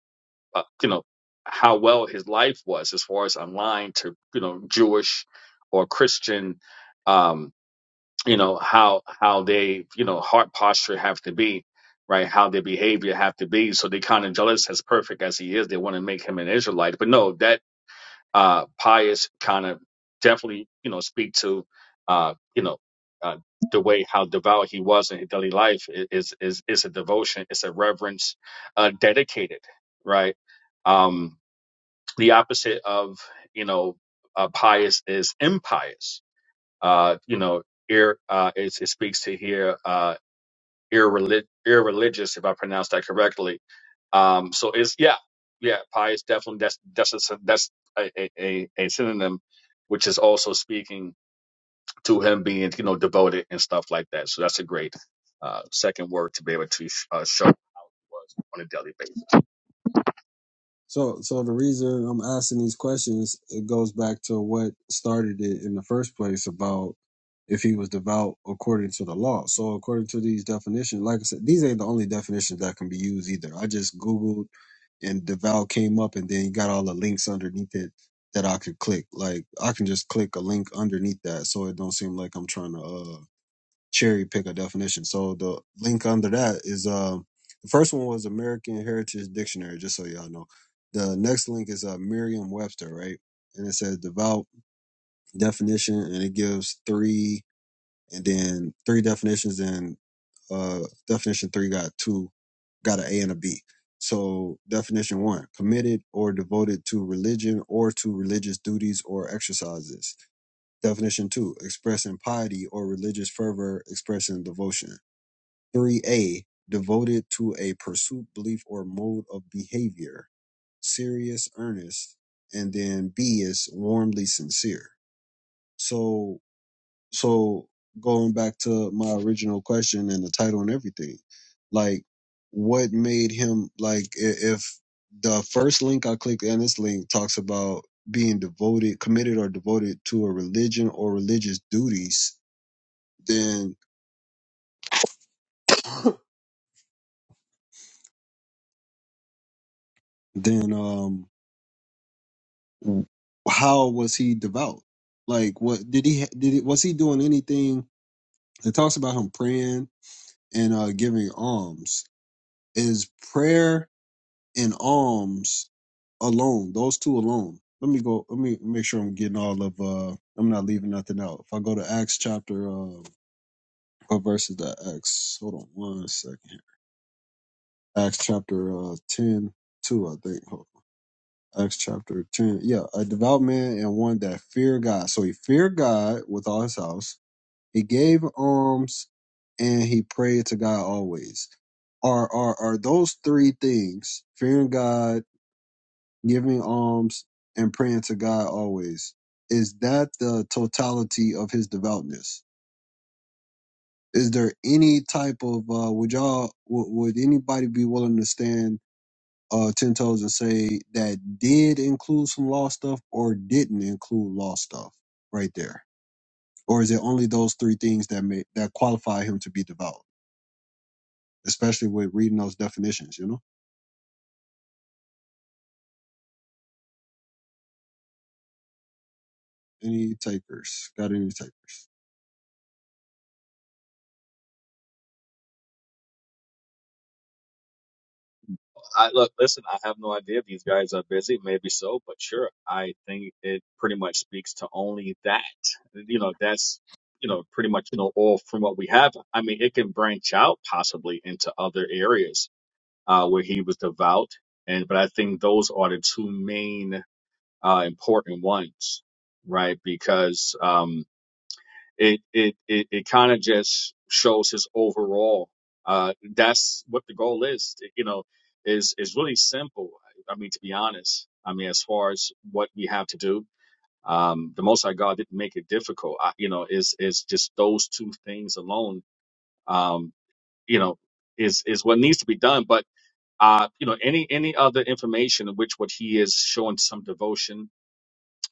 S7: uh, you know how well his life was as far as aligned to you know Jewish or Christian um you know how how they you know heart posture have to be right how their behavior have to be so they kind of jealous as perfect as he is they want to make him an Israelite but no that uh pious kind of definitely you know speak to uh you know uh, the way how devout he was in his daily life i- is is is a devotion it's a reverence uh dedicated right? Um, the opposite of you know uh, pious is impious. Uh, you know, ir, uh, it, it speaks to here uh, irrelig- irreligious, if I pronounce that correctly. Um, so it's yeah, yeah, pious definitely that's that's a, syn- that's a, a, a a synonym, which is also speaking to him being you know devoted and stuff like that. So that's a great uh, second word to be able to sh- uh, show was on a daily basis.
S2: So so the reason I'm asking these questions it goes back to what started it in the first place about if he was devout according to the law. So according to these definitions, like I said, these ain't the only definitions that can be used either. I just googled and devout came up, and then you got all the links underneath it that I could click. Like I can just click a link underneath that, so it don't seem like I'm trying to. uh. cherry pick a definition. So the link under that is um the first one was American Heritage Dictionary, just so y'all know. The next link is uh, Merriam Webster, right? And it says devout definition, and it gives three, and then three definitions, and uh, definition three got two, got an A and a B. So definition one: committed or devoted to religion or to religious duties or exercises. Definition two: expressing piety or religious fervor, expressing devotion Three A devoted to a pursuit, belief, or mode of behavior. Serious, earnest, and then B is warmly sincere. So so going back to my original question and the title and everything, like what made him like i- if the first link I clicked and this link talks about being devoted, committed or devoted to a religion or religious duties, then [coughs] then um how was he devout? Like, what did he did? It, was he doing anything? It talks about him praying and uh, giving alms. Is prayer and alms alone? Those two alone. Let me go. Let me make sure I'm getting all of. uh I'm not leaving nothing out. If I go to Acts chapter, uh, what verse is that? Acts. Hold on one second. here. Acts chapter uh, ten two, I think. Hold Acts chapter 10. Yeah, a devout man and one that feared God. So he feared God with all his house. He gave alms and he prayed to God always. Are are are those three things, fearing God, giving alms, and praying to God always, is that the totality of his devoutness? Is there any type of uh would y'all would, would anybody be willing to stand uh, ten toes and say that did include some lost stuff or didn't include lost stuff right there? Or is it only those three things that make that qualify him to be devout? Especially with reading those definitions, you know. Any takers? Got any takers?
S7: I look, listen, I have no idea if these guys are busy, maybe so, but sure. I think it pretty much speaks to only that. You know, that's you know, pretty much, you know, all from what we have. I mean, it can branch out possibly into other areas uh where he was devout. And but I think those are the two main uh important ones, right? Because um, it it it, it kind of just shows his overall. Uh, that's what the goal is. You know, is is really simple. I mean, to be honest, I mean, as far as what we have to do, um, the Most High God didn't make it difficult. I, you know, is is just those two things alone. Um, you know, is is what needs to be done. But uh, you know, any any other information in which what he is showing some devotion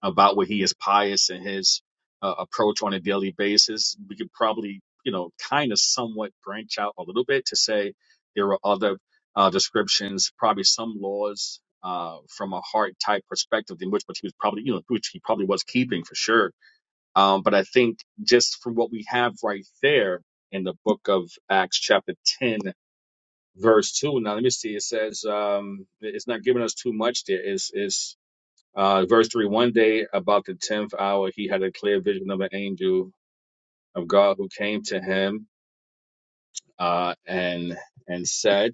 S7: about where he is pious in his uh, approach on a daily basis. We could probably, you know, kind of somewhat branch out a little bit to say there are other uh, descriptions, probably some laws uh, from a heart type perspective, in which which he was probably, you know, which he probably was keeping for sure. Um, but I think just from what we have right there in the book of Acts, chapter ten. Verse two. Now let me see. It says um, it's not giving us too much. There is is uh, verse 3 One day, about the 10th hour, he had a clear vision of an angel of God who came to him uh, and and said,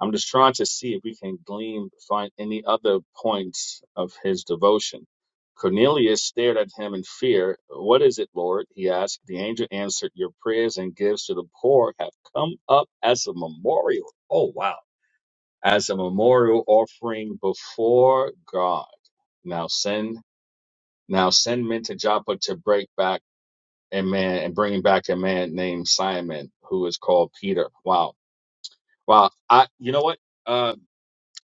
S7: I'm just trying to see if we can glean, find any other points of his devotion. Cornelius stared at him in fear. What is it, Lord? he asked. The angel answered, Your prayers and gifts to the poor have come up as a memorial. Oh, wow. As a memorial offering before God. Now send Now send men to Joppa to break back a man and bring back a man named Simon who is called Peter. Wow. Wow. I you know what? Uh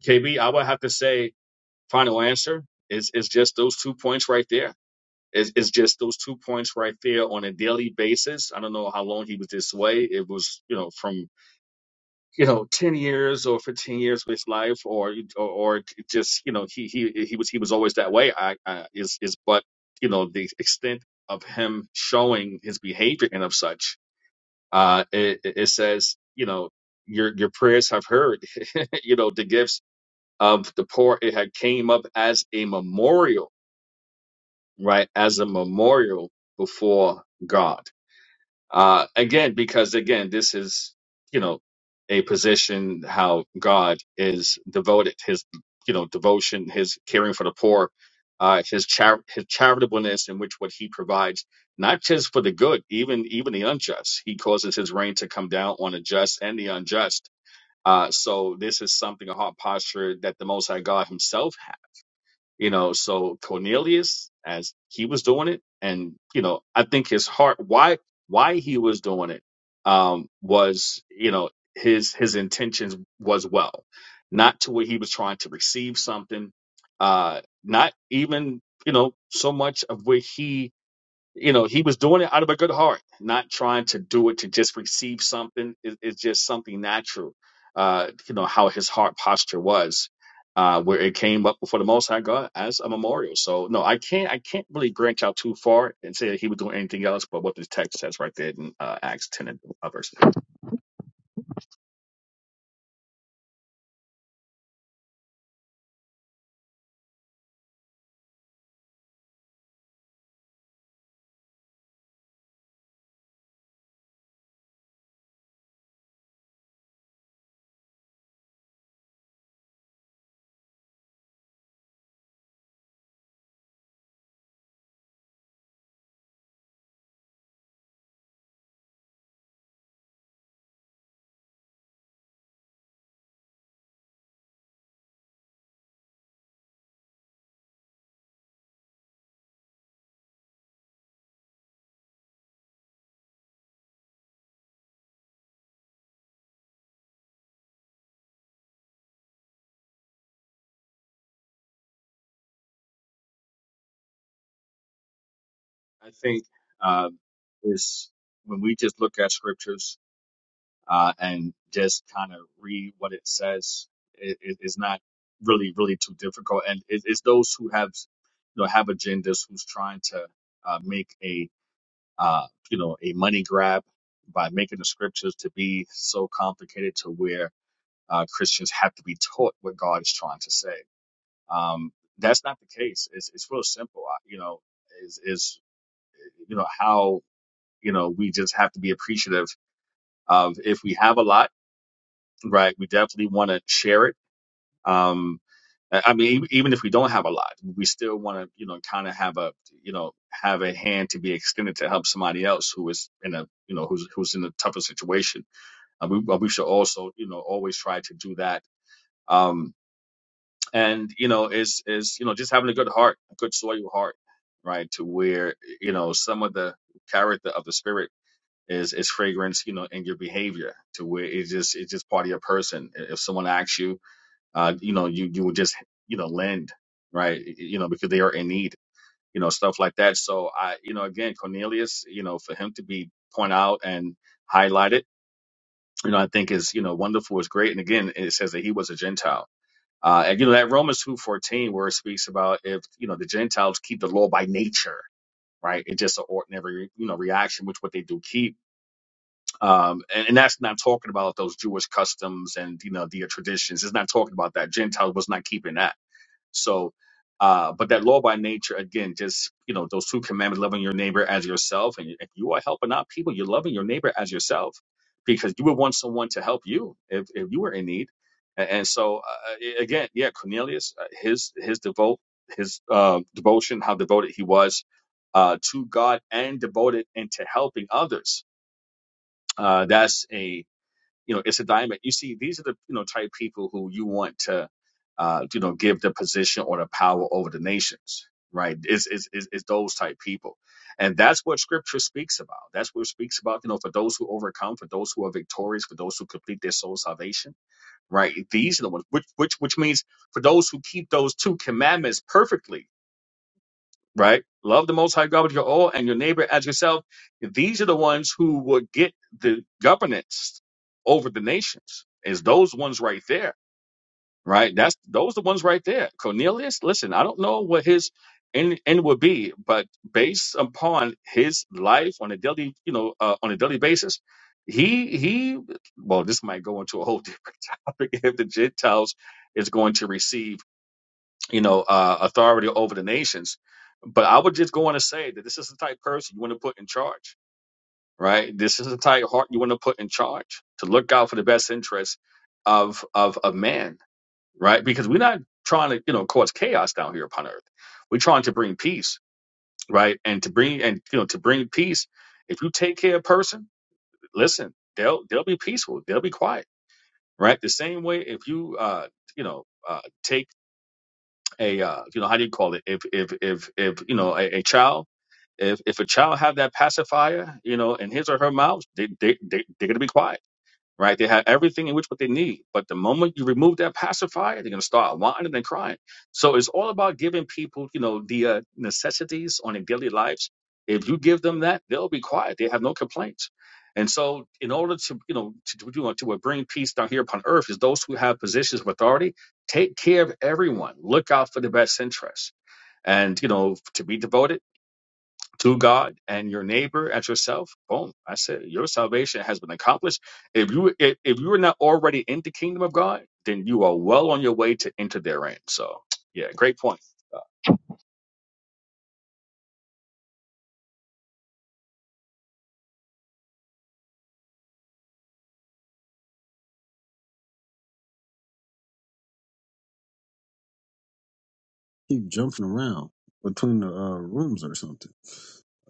S7: KB, I would have to say final answer is is just those two points right there. Is is just those two points right there on a daily basis. I don't know how long he was this way. It was, you know, from you know 10 years or 15 years of his life or or, or just you know he he he was he was always that way i, I is is but you know the extent of him showing his behavior and of such uh it, it it says you know your your prayers have heard [laughs] you know the gifts of the poor it had came up as a memorial right as a memorial before god uh, again, because again, this is, you know, a position how God is devoted, his, you know, devotion, his caring for the poor, uh, his char- his charitableness in which what he provides, not just for the good, even even the unjust. He causes his rain to come down on the just and the unjust. Uh, so this is something a heart posture that the Most High God Himself you know, so Cornelius, as he was doing it, and you know, I think his heart, why why he was doing it, um, was you know his his intentions was well, not to where he was trying to receive something, uh, not even you know so much of where he you know, he was doing it out of a good heart, not trying to do it to just receive something. It, it's just something natural, uh, you know, how his heart posture was, uh, where it came up before the Most High God as a memorial. So, no, I can't, I can't really branch out too far and say that he was doing anything else but what the text says right there in uh, Acts 10 and uh, verse. I think uh, is when we just look at scriptures uh, and just kind of read what it says. it's not really, really too difficult. And it, it's those who have, you know, have agendas who's trying to uh, make a, uh, you know, a money grab by making the scriptures to be so complicated to where uh, Christians have to be taught what God is trying to say. Um, that's not the case. It's it's real simple. I- You know, is is you know how you know we just have to be appreciative of if we have a lot right? We definitely want to share it. Um, I I mean, even even if we don't have a lot, we still want to, you know, kind of have a, you know, have a hand to be extended to help somebody else who is in a, you know, who's who's in a tougher situation. Uh, we but we should also, you know, always try to do that. Um, and you know, is is you know, just having a good heart, a good soil heart, right? To where you know some of the character of the spirit is is fragrance, you know, in your behavior, to where it's just it's just part of your person. If someone asks you, uh, you know, you you would just you know lend, right? You know, because they are in need, you know, stuff like that. So I, you know, again, Cornelius, you know, for him to be point out and highlighted, you know, I think is you know wonderful, is great, and again, it says that he was a Gentile. Uh, and you know that Romans two fourteen where it speaks about if you know the Gentiles keep the law by nature, right? It's just an ordinary you know reaction, which what they do keep. Um, and, and that's not talking about those Jewish customs and you know their traditions. It's not talking about that. Gentile was not keeping that so, uh, but that law by nature, again, just, you know, those two commandments, loving your neighbor as yourself. And if you are helping out people, you're loving your neighbor as yourself because you would want someone to help you if, if you were in need. And, and so, uh, again, yeah, Cornelius, uh, his, his devote, his, uh, devotion, how devoted he was, uh, to God and devoted into helping others. Uh, that's a, you know it's a diamond you see these are the you know type people who you want to uh you know give the position or the power over the nations right it's it's, it's, it's those type people and that's what scripture speaks about that's what it speaks about you know for those who overcome for those who are victorious for those who complete their soul salvation right these are the ones which which which means for those who keep those two commandments perfectly right? Love the Most High God with your all and your neighbor as yourself. These are the ones who will get the governance over the nations. Is those ones right there, right? That's those the ones right there. Cornelius, listen, I don't know what his end, end would be, but based upon his life on a daily, you know, uh, on a daily basis, he he. Well, this might go into a whole [laughs] different topic if the Gentiles is going to receive you know, uh, authority over the nations. But I would just go on to say that this is the type of person you want to put in charge, right? This is the type of heart you want to put in charge to look out for the best interest of of of man, right? Because we're not trying to, you know, cause chaos down here upon earth. We're trying to bring peace, right? And to bring and you know to bring peace. If you take care of a person, listen, they'll they'll be peaceful, they'll be quiet, right? The same way if you uh you know uh, take a uh, you know how do you call it if if if if you know a, a child if if a child have that pacifier you know in his or her mouth they they, they they're gonna be quiet right? They have everything in which what they need. But the moment you remove that pacifier, they're gonna start whining and crying. So it's all about giving people, you know, the uh, necessities on their daily lives. If you give them that, they'll be quiet. They have no complaints. And so, in order to, you know, to do you know, to bring peace down here upon earth, is those who have positions of authority take care of everyone. Look out for the best interests, and you know, to be devoted to God and your neighbor and yourself, boom. I said your salvation has been accomplished. If you if, if you are not already in the kingdom of God, then you are well on your way to enter therein. So yeah, great point.
S2: Keep jumping around between the uh, rooms or something,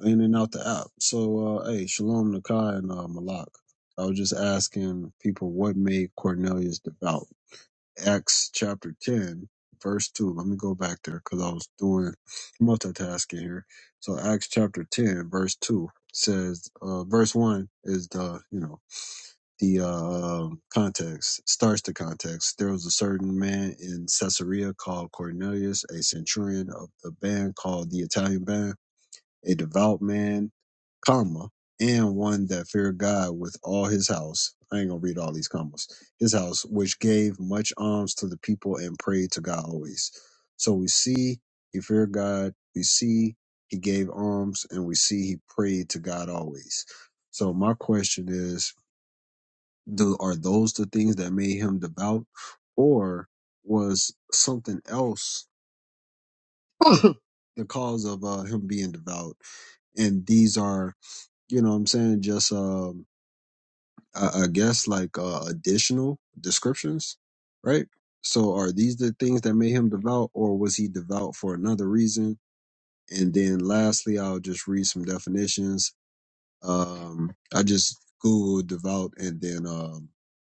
S2: in and out the app. So, uh, hey, Shalom Nakai and uh, Malak. I was just asking people what made Cornelius devout Acts chapter 10, verse 2. Let me go back there because I was doing multitasking here. So Acts chapter 10, verse 2 says, uh, verse 1 is the, you know, the uh, um, context, starts the context. There was a certain man in Caesarea called Cornelius, a centurion of the band called the Italian band, a devout man comma, and one that feared God with all his house. I ain't gonna read all these commas. His house, which gave much alms to the people and prayed to God always. So we see he feared God. We see he gave alms, and we see he prayed to God always. So my question is: do, Are those the things that made him devout, or was something else [coughs] the cause of uh, him being devout? And these are, you know, what I'm saying just um I, I guess like uh, additional descriptions, right? So are these the things that made him devout, or was he devout for another reason? And then lastly, I'll just read some definitions. Um, I just googled devout, and then um,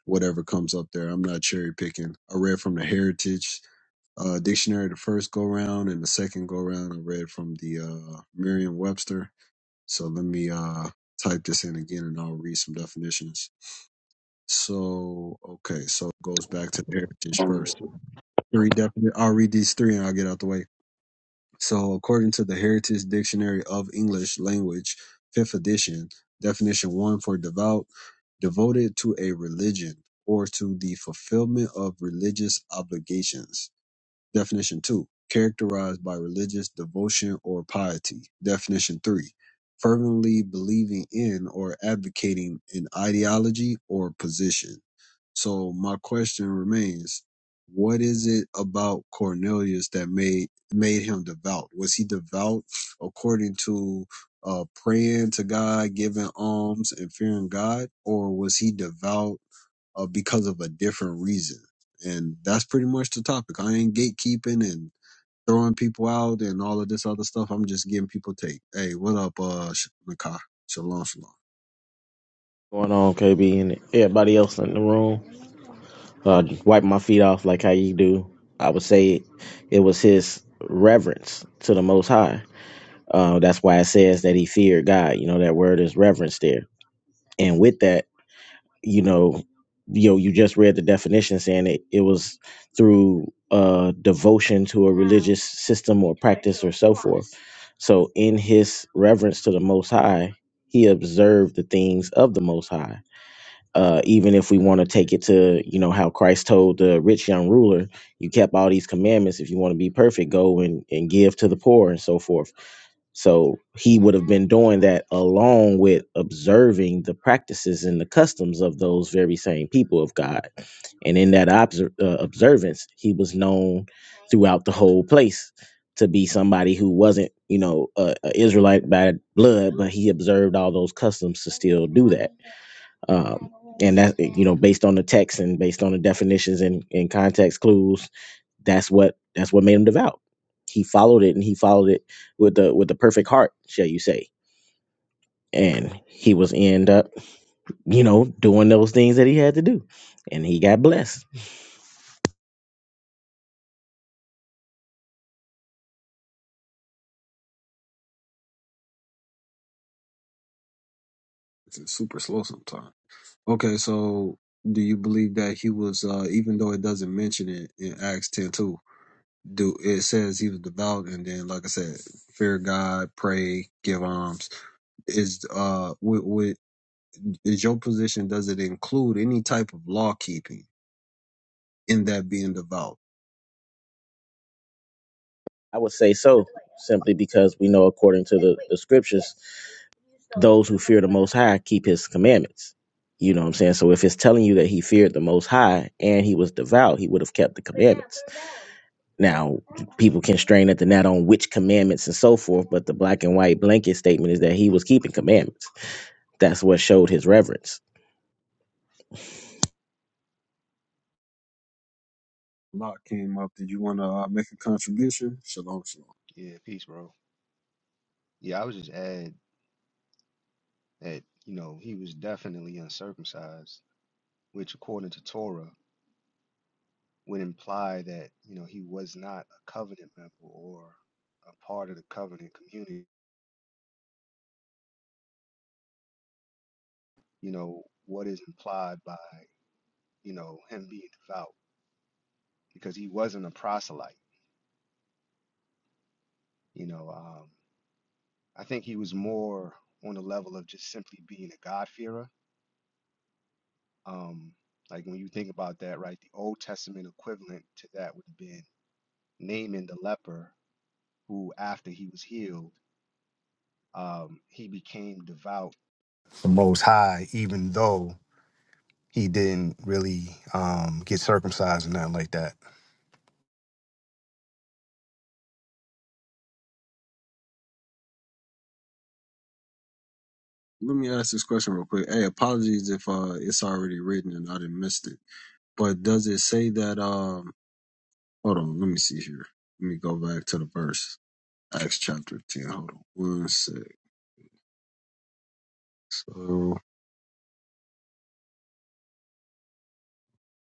S2: whatever comes up there. I'm not cherry picking. I read from the Heritage uh, Dictionary the first go round, and the second go round I read from the uh, Merriam-Webster. So let me uh, type this in again, and I'll read some definitions. So okay, so it goes back to the heritage first. Three definite. I'll read these three and I'll get out the way. So according to the Heritage Dictionary of English Language, fifth edition, definition one for devout, devoted to a religion or to the fulfillment of religious obligations. Definition two, characterized by religious devotion or piety. Definition three, fervently believing in or advocating an ideology or position. So my question remains, what is it about Cornelius that made made him devout? Was he devout according to uh, praying to God, giving alms, and fearing God, or was he devout uh, because of a different reason. And that's pretty much the topic. I ain't gatekeeping and throwing people out and all of this other stuff. I'm just giving people take. Hey, what up, uh, Sh- Nakai? Shalom, shalom.
S8: going on, KB, and everybody else in the room. Uh, wipe my feet off like how you do. I would say it was his reverence to the Most High. Uh, that's why it says that he feared God. You know that word is reverence there, and with that, you know, you know, you just read the definition saying it. It was through uh, devotion to this system or pr- so in his reverence to the Most High, he observed the things of the Most High uh, even if we want to take it to you know how christ told the rich young ruler you kept all these commandments if you want to be perfect go and, and give to the poor and so forth so he would have been doing that along with observing the practices and the customs of those very same people of god and in that obser- uh, observance he was known throughout the whole place to be somebody who wasn't you know a, a israelite by blood but he observed all those customs based on the text and based on the definitions and, and context clues that's what that's what made him devout he followed it and he followed it with the with the perfect heart shall you say and he was end up you know doing those things that he had to do and he got blessed
S2: It's super slow sometimes. Okay, so do you believe that he was, uh, even though it doesn't mention it in Acts 10 2, do it says he was devout and then, like I said, fear God, pray, give alms. Is, uh, with, with, is your position, does it include any type of law keeping? in that being devout.
S8: i would say so simply because we know according to the, the scriptures those who fear the most high keep his commandments. You know what I'm saying? So if it's telling you that he feared the most high and he was devout, he would have kept the command. Now, people can strain at the net on which commandments and so forth, but the black and white blanket statement is that he was keeping commandments. That's what showed his reverence.
S2: Lot came up. Did you want to uh, make a contribution? Shalom, shalom.
S9: Yeah, peace, bro. Yeah, I was just add that, you know, he was definitely uncircumcised, which according to Torah would imply that, you know, he was not a covenant member or a part of the covenant community, you know, what is implied by, you know, him being devout because he wasn't a proselyte, you know, um, I think he was more on the level of just simply being a God-fearer. Um, like when you think about that, right, the Old Testament equivalent to that would have been naming the leper who, after he was healed, um, he became devout. the Most High, even though he didn't really um, get circumcised or nothing like that.
S2: Let me ask this question real quick. Hey, apologies if uh, it's already written and I didn't missed it. But does it say that? Um, hold on. Let me see here. Let me go back to the verse. Acts chapter ten. Hold on. One sec. So,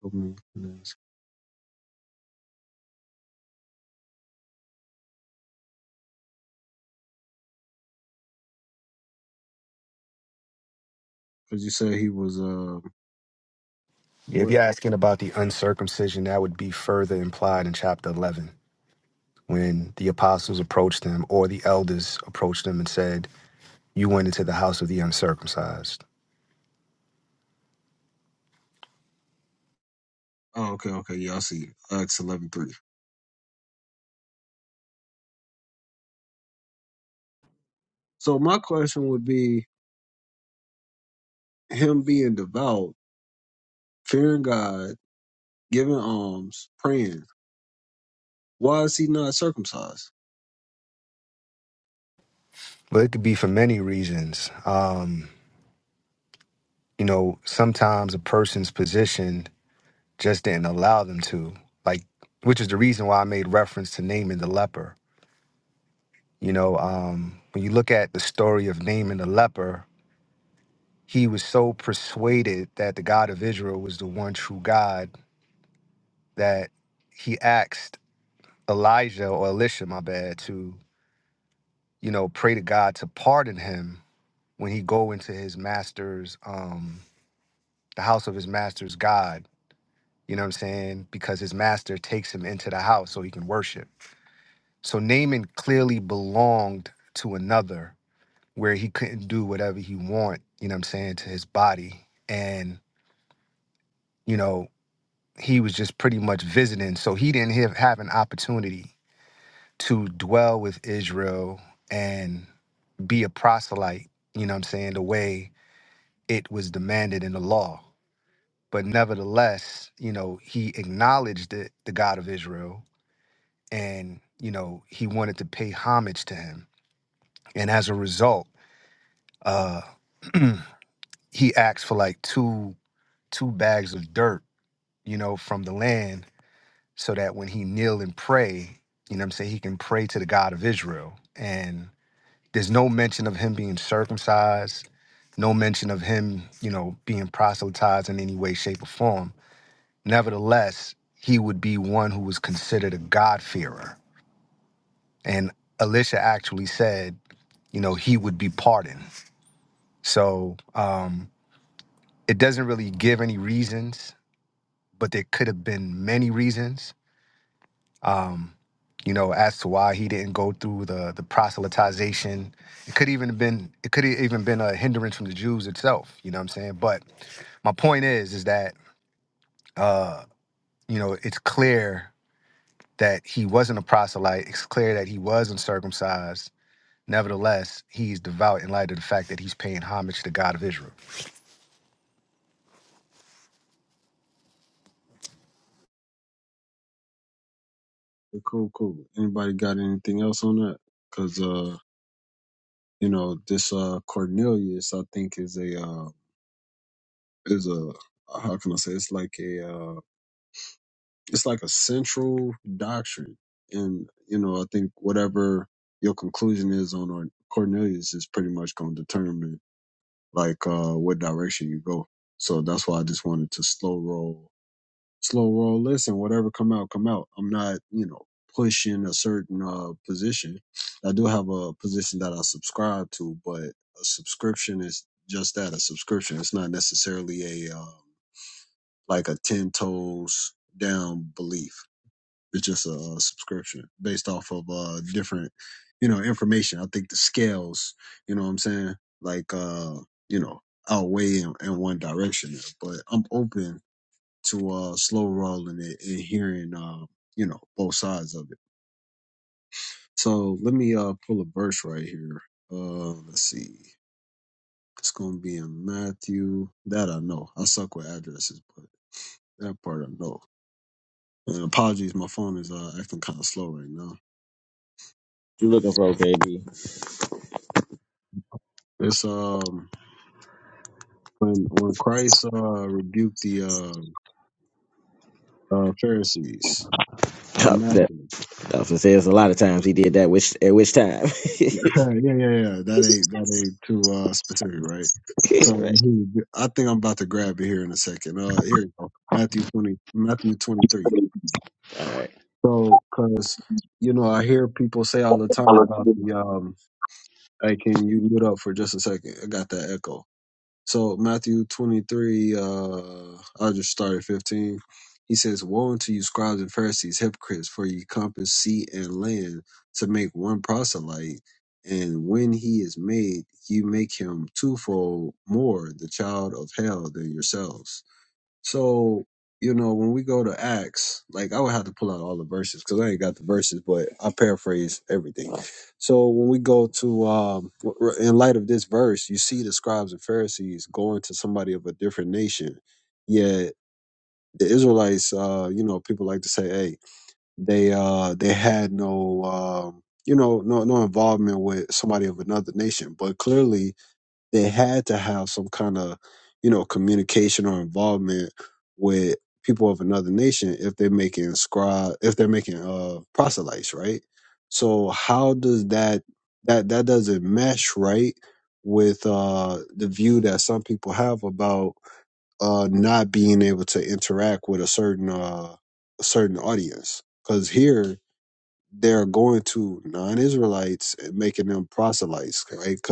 S2: because you said he was uh,
S9: If
S2: what?
S9: you're asking about the uncircumcision, that would be further implied in chapter 11 when the apostles approached him or the elders approached him and said, You went into the house of the uncircumcised.
S2: Oh, okay, okay. Yeah, I see. Acts eleven three. So my question would be him being devout, fearing God giving alms, praying. Why is he not circumcised?
S9: But it could be for many reasons. Um, you know, sometimes a person's position just didn't allow them to. Like, which is the reason why I made reference to Naaman the leper. You know, um, when you look at the story of Naaman the leper, he was so persuaded that the God of Israel was the one true God that he asked Elijah or Elisha, my bad, to you know pray to God to pardon him when he go into his master's, um, the house of his master's God. You know what I'm saying? Because his master takes him into the house so he can worship. So Naaman clearly belonged to another where he couldn't do whatever he want, you know what I'm saying, to his body. And, you know, he was just pretty much visiting. So he didn't have, have an opportunity to dwell with Israel and be a proselyte, you know what I'm saying, the way it was demanded in the law. But nevertheless, you know, he acknowledged the, the God of Israel and, you know, he wanted to pay homage to him. And as a result, Uh, [clears throat] he asked for like two two bags of dirt, you know, from the land, so that when he kneel and pray, you know, what I'm saying he can pray to the God of Israel. And there's no mention of him being circumcised, no mention of him, you know, being proselytized in any way, shape, or form. Nevertheless, he would be one who was considered a God-fearer. And Elisha actually said, you know, he would be pardoned. So um, it doesn't really give any reasons but there could have been many reasons, um, you know, as to why he didn't go through the the proselytization. It could even have been it could have even been a hindrance from the Jews itself. You know what I'm saying? But my point is, is that uh, you know, it's clear that he wasn't a proselyte. It's clear that he was uncircumcised. Nevertheless, he's devout in light of the fact that he's paying homage to God of Israel.
S2: Cool, cool. Anybody got anything else on that? Because uh, you know, this uh Cornelius, I think, is a uh, is a how can I say? It's like a uh, it's like a central doctrine, and you know, I think whatever your conclusion is on Or- Cornelius is pretty much going to determine like uh what direction you go. So that's why I just wanted to slow roll slow roll listen whatever come out come out i'm not you know pushing a certain uh position i do have a position that i subscribe to but a subscription is just that a subscription it's not necessarily a um like a 10 toes down belief it's just a, uh subscription based off of uh different you know information i think the scales you know what i'm saying like uh you know outweigh in, in one direction there. but i'm open to uh slow rolling it and hearing um you know both sides of it. So let me uh pull a verse right here. Uh let's see. It's gonna be in Matthew. That I know. I suck with addresses, but that part I know. And apologies, my phone is uh acting kind of slow right now.
S8: You looking for KB?
S2: It's um when when Christ uh rebuked the uh, uh Pharisees.
S8: That I was gonna say it's a lot of times he did that. Which at which time? [laughs]
S2: yeah, yeah, yeah. yeah. That ain't that ain't too uh, specific, right? So
S8: right.
S2: here we I think I'm about to grab it here in a second. Uh, here you go, Matthew twenty, Matthew twenty three.
S8: All right.
S2: So, cause you know, I hear people say all the time about the um. Hey, can you mute up for just a second? I got that echo. So Matthew 23, uh, I'll just start at 15. He says, Woe unto you, scribes and Pharisees, hypocrites, for ye compass sea and land to make one proselyte. And when he is made, you make him twofold more the child of hell than yourselves. So, you know, when we go to Acts, like I would have to pull out all the verses because I ain't got the verses, but I paraphrase everything. So when we go to, um, w- in light of this verse, you see the scribes and Pharisees going to somebody of a different nation. Yet the Israelites, uh, you know, people like to say, hey, they, uh, they had no, um, you know, no, no involvement with somebody of another nation, but clearly they had to have some kind of you know communication or involvement with people of another nation if they're making scribe if they're making uh proselytes right so how does that that that doesn't mesh right with uh the view that some people have about uh not being able to interact with a certain uh a certain audience because here they're going to non-israelites and making them proselytes right? Because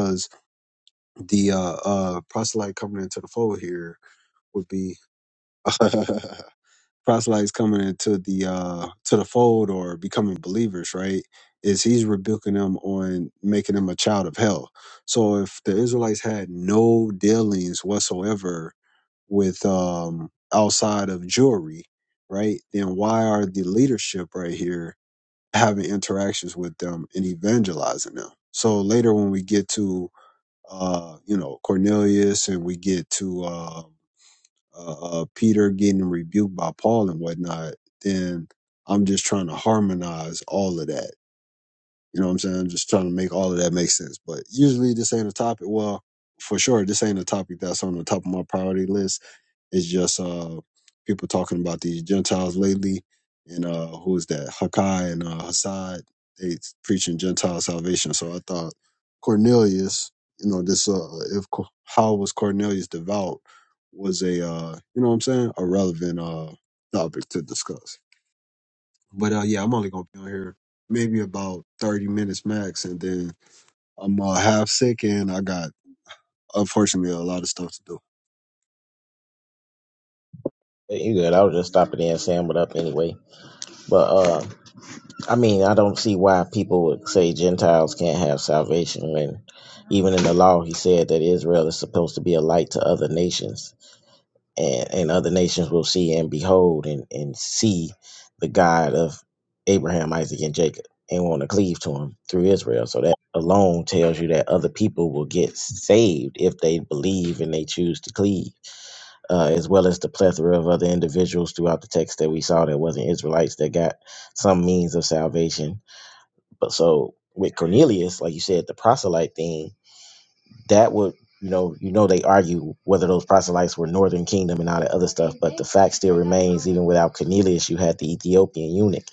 S2: the uh, uh, proselyte coming into the fold here would be [laughs] proselytes coming into the uh, to the fold or becoming believers, right? Is he's rebuking them on making them a child of hell. So if the Israelites had no dealings whatsoever with um, outside of Jewry, right? Then why are the leadership right here having interactions with them and evangelizing them? So later when we get to uh, you know, Cornelius, and we get to uh, uh, uh, Peter getting rebuked by Paul and whatnot, then I'm just trying to harmonize all of that. You know what I'm saying? I'm just trying to make all of that make sense. But usually, this ain't a topic. Well, for sure, this ain't a topic that's on the top of my priority list it's just uh, people talking about these Gentiles lately, and uh, who is that? Hakai and uh, Hassad. They preaching Gentile salvation. So I thought Cornelius, you know, this uh, if Co- how was Cornelius devout was a uh, you know what I'm saying, a relevant uh topic to discuss. But uh, yeah, I'm only gonna be on here maybe about 30 minutes max, and then I'm uh, half sick and I got unfortunately, a lot of stuff to do.
S8: You good? I was just stopping in, saying what up anyway. But uh. I mean, I don't see why people would say Gentiles can't have salvation when even in the law he said that Israel is supposed to be a light to other nations and, and other nations will see and behold and, and see the God of Abraham, Isaac, and Jacob and want to cleave to him through Israel. So that alone tells you that other people will get saved if they believe and they choose to cleave, uh, as well as the plethora of other individuals throughout the text that we saw that wasn't Israelites that got some means of salvation but so with Cornelius, like you said, the proselyte thing, that would you know, you know they argue whether those proselytes were Northern Kingdom and all that other without Cornelius you had the Ethiopian eunuch.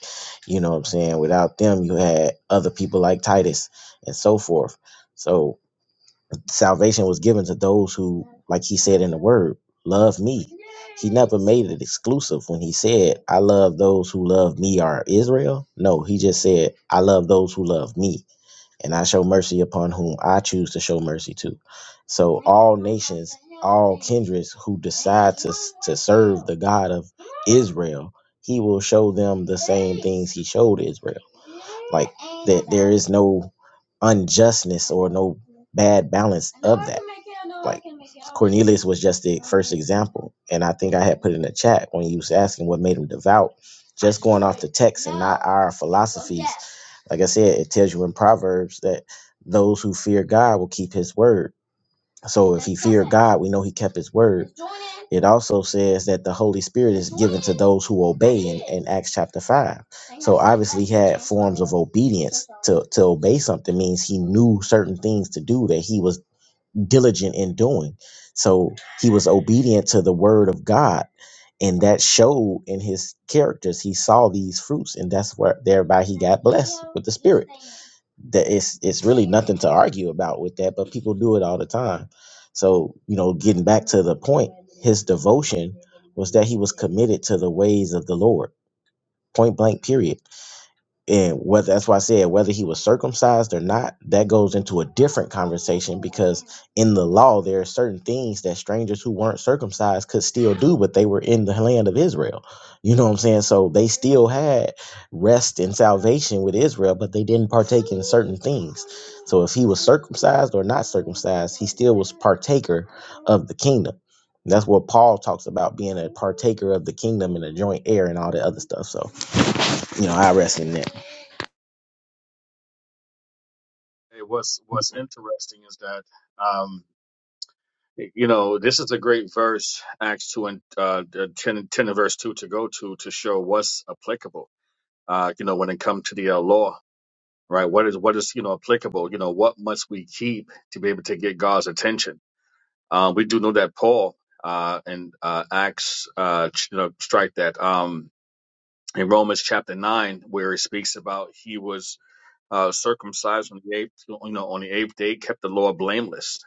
S8: You know what I'm saying? Without them you had other people like Titus and so forth. So salvation was given to those who, like he in the word, love me. Made it exclusive when he said, I love those who love me are Israel. No, he just said, I love those who love me and I show mercy upon whom I choose to show mercy to. So Andrus, who is the God of Israel, he will show them the he showed Israel. There's no unjustness or no bad balance. This was just the example. And I think I had put in the chat when you was asking what made him devout. Just protect our philosophy. Like I said, it tells you in Proverbs that those who fear God will keep his word. So God, we know he kept his word. It also says that the Holy Spirit is those who obey in Acts chapter 5. Obedience to, to obey something means he knew certain things to do that he was diligent in doing. So he was obedient to the word of God. And that showed in his characters. He saw these fruits, and that's where thereby he that it's it's argue about with that, but people do it all the time. So, you know, getting back was that he was committed to the ways of the Lord. Point blank, period. And whether that's why I said whether he was circumcised or not, that goes into a different conversation because in the law there are certain things that strangers who weren't circumcised could still do but they were in the land of israel you know what i'm saying so they still had rest and salvation with israel but they didn't partake in certain things so if he was circumcised or not circumcised he still was partaker of the kingdom that's what paul talks about being a partaker of the kingdom and a joint heir and all that other stuff so you know i rest in that
S7: Hey, what's what's interesting is that um you know this is a great verse Acts two and uh the 10, ten and verse two to go to to show what's applicable. Uh you know when it comes to the uh, law, right? What is what is you know applicable? You know what must we keep to be able to get God's attention? Uh, we do know that Paul uh, in uh, Acts, uh, ch- you know, strike that um, in Romans chapter nine, where he speaks about he was uh, circumcised on the eighth, you know, on the eighth day, kept the law blameless,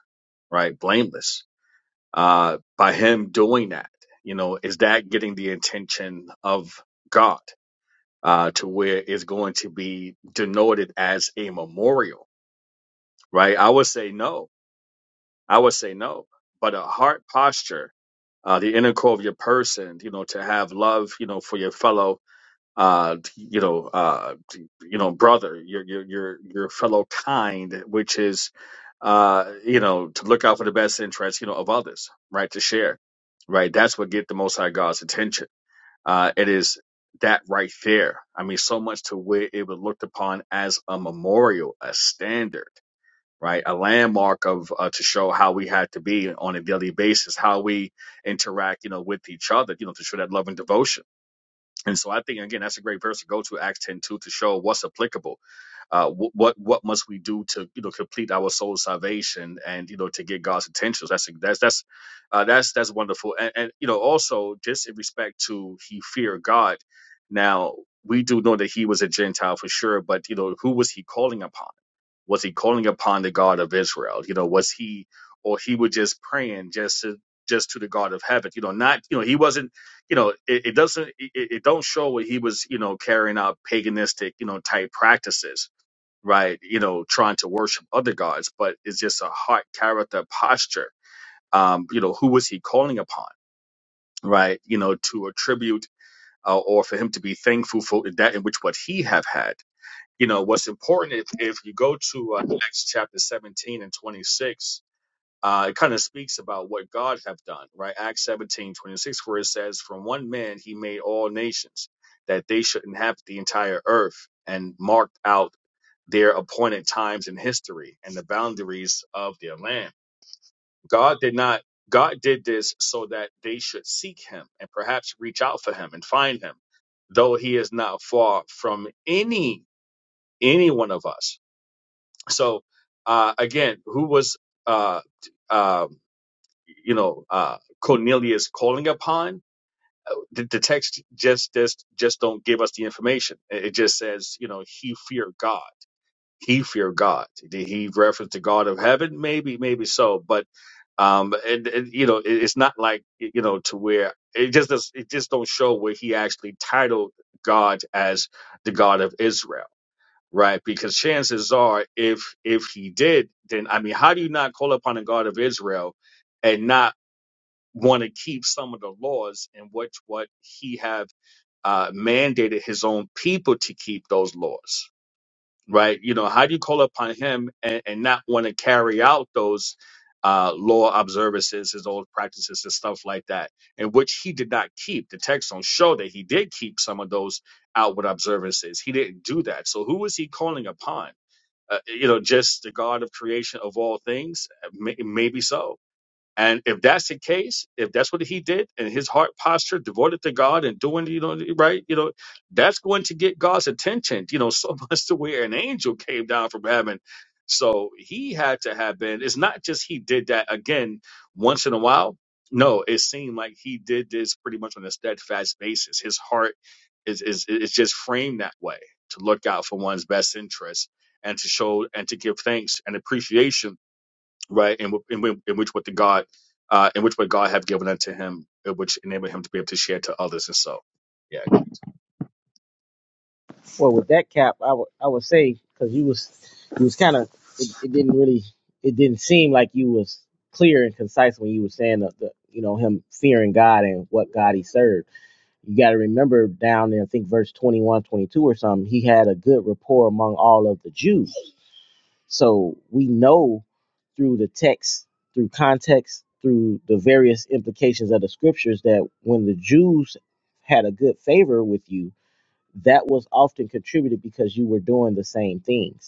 S7: right, blameless. Uh, by him doing that, you know, is that getting the attention of God uh, to where it's going to be denoted as a memorial, right? I would say no. I would say no. But a heart posture uh, the inner core of your person, you know, to have love, you know, for your fellow, uh, you know, uh, you know, brother, your your your your fellow kind, which is, uh, you know, to look out for the best interests, you know, of others, right? To share, right? That's what get the Most High God's attention. Uh, it is that right there. I mean, so much to where it was looked upon as a memorial, a standard right? A landmark of uh, to show how we had to be on a daily basis, how we interact, you know, with each other, you know, to show that love and devotion. And so I think again, that's a great verse to go to Acts ten two to show what's applicable. Uh, wh- what what must we do to you know complete our soul's salvation and you know to get God's attention. So That's that's that's uh, that's that's wonderful. And, and you know also just in respect to he fear God. Now we do know that he was a Gentile for sure, but you know who was he calling upon? Was he calling upon the God of Israel? You know, was he or he was just praying just to just to the God of heaven? You know, not you know he wasn't. You know, it, it doesn't it, it don't show where he was. You know, carrying out paganistic you know type practices, right? You know, trying to worship other gods, but it's just a heart, character, posture. Um, you know, who was he calling upon, right? You know, to attribute uh, or for him to be thankful for that in which what he have had you know what's important if, if you go to uh, acts chapter 17 and 26 uh, it kind of speaks about what god have done right acts 17 26, where it says from one man he made all nations that they should inhabit the entire earth and marked out their appointed times in history and the boundaries of their land god did not god did this so that they should seek him and perhaps reach out for him and find him though he is not far from any any one of us so uh, again, who was uh, uh, you know uh, Cornelius calling upon? The, the text just just just don't give us the information. It it just says you know he feared God. He feared God. Did he reference the God of heaven? Maybe, maybe so. But um, and, and you know, it, it's not like you know to where it just does, it just don't show where he actually titled God as the God of Israel right? Because chances are, if if he did, then I mean, how do you not call upon the God of Israel and not want to keep some of the laws in which what he have uh, mandated his own people to keep those laws, right? You know, how do you call upon him and, and not want to carry out those? Uh, law observances, his old practices, and stuff like that, in which he did not keep. The text don't show that he did keep some of those outward observances. He didn't do that. So who was he calling upon? uh, you know, just the God of creation of all things? May, maybe so. And if that's the case, if that's what he did and his heart posture devoted to God and doing, you know, right, you know, that's going to get God's attention, you know, [laughs] so much to where an angel came down from heaven. So he had to have been, it's not just he did that again once in a while. No, it seemed like he did this pretty much on a steadfast basis. His heart is, is, is just framed that way to look out for one's best interest and to show and to give thanks and appreciation right? And in, in, in which what the God, uh, in which what God have given unto him, uh, which enable him to be able to share to others. And so, yeah.
S8: Well, with that cap, I would I would say because you was you was kind of it, it didn't really it didn't seem like you was clear and concise when you were saying the, the you know him fearing God and what God he served. You got to remember down in I think verse 21, 22 or something, he had a good rapport among all of the Jews. So we know through the text, through context, through the various implications of the scriptures that when the Jews had a good favor with you that was often contributed because you were doing the same things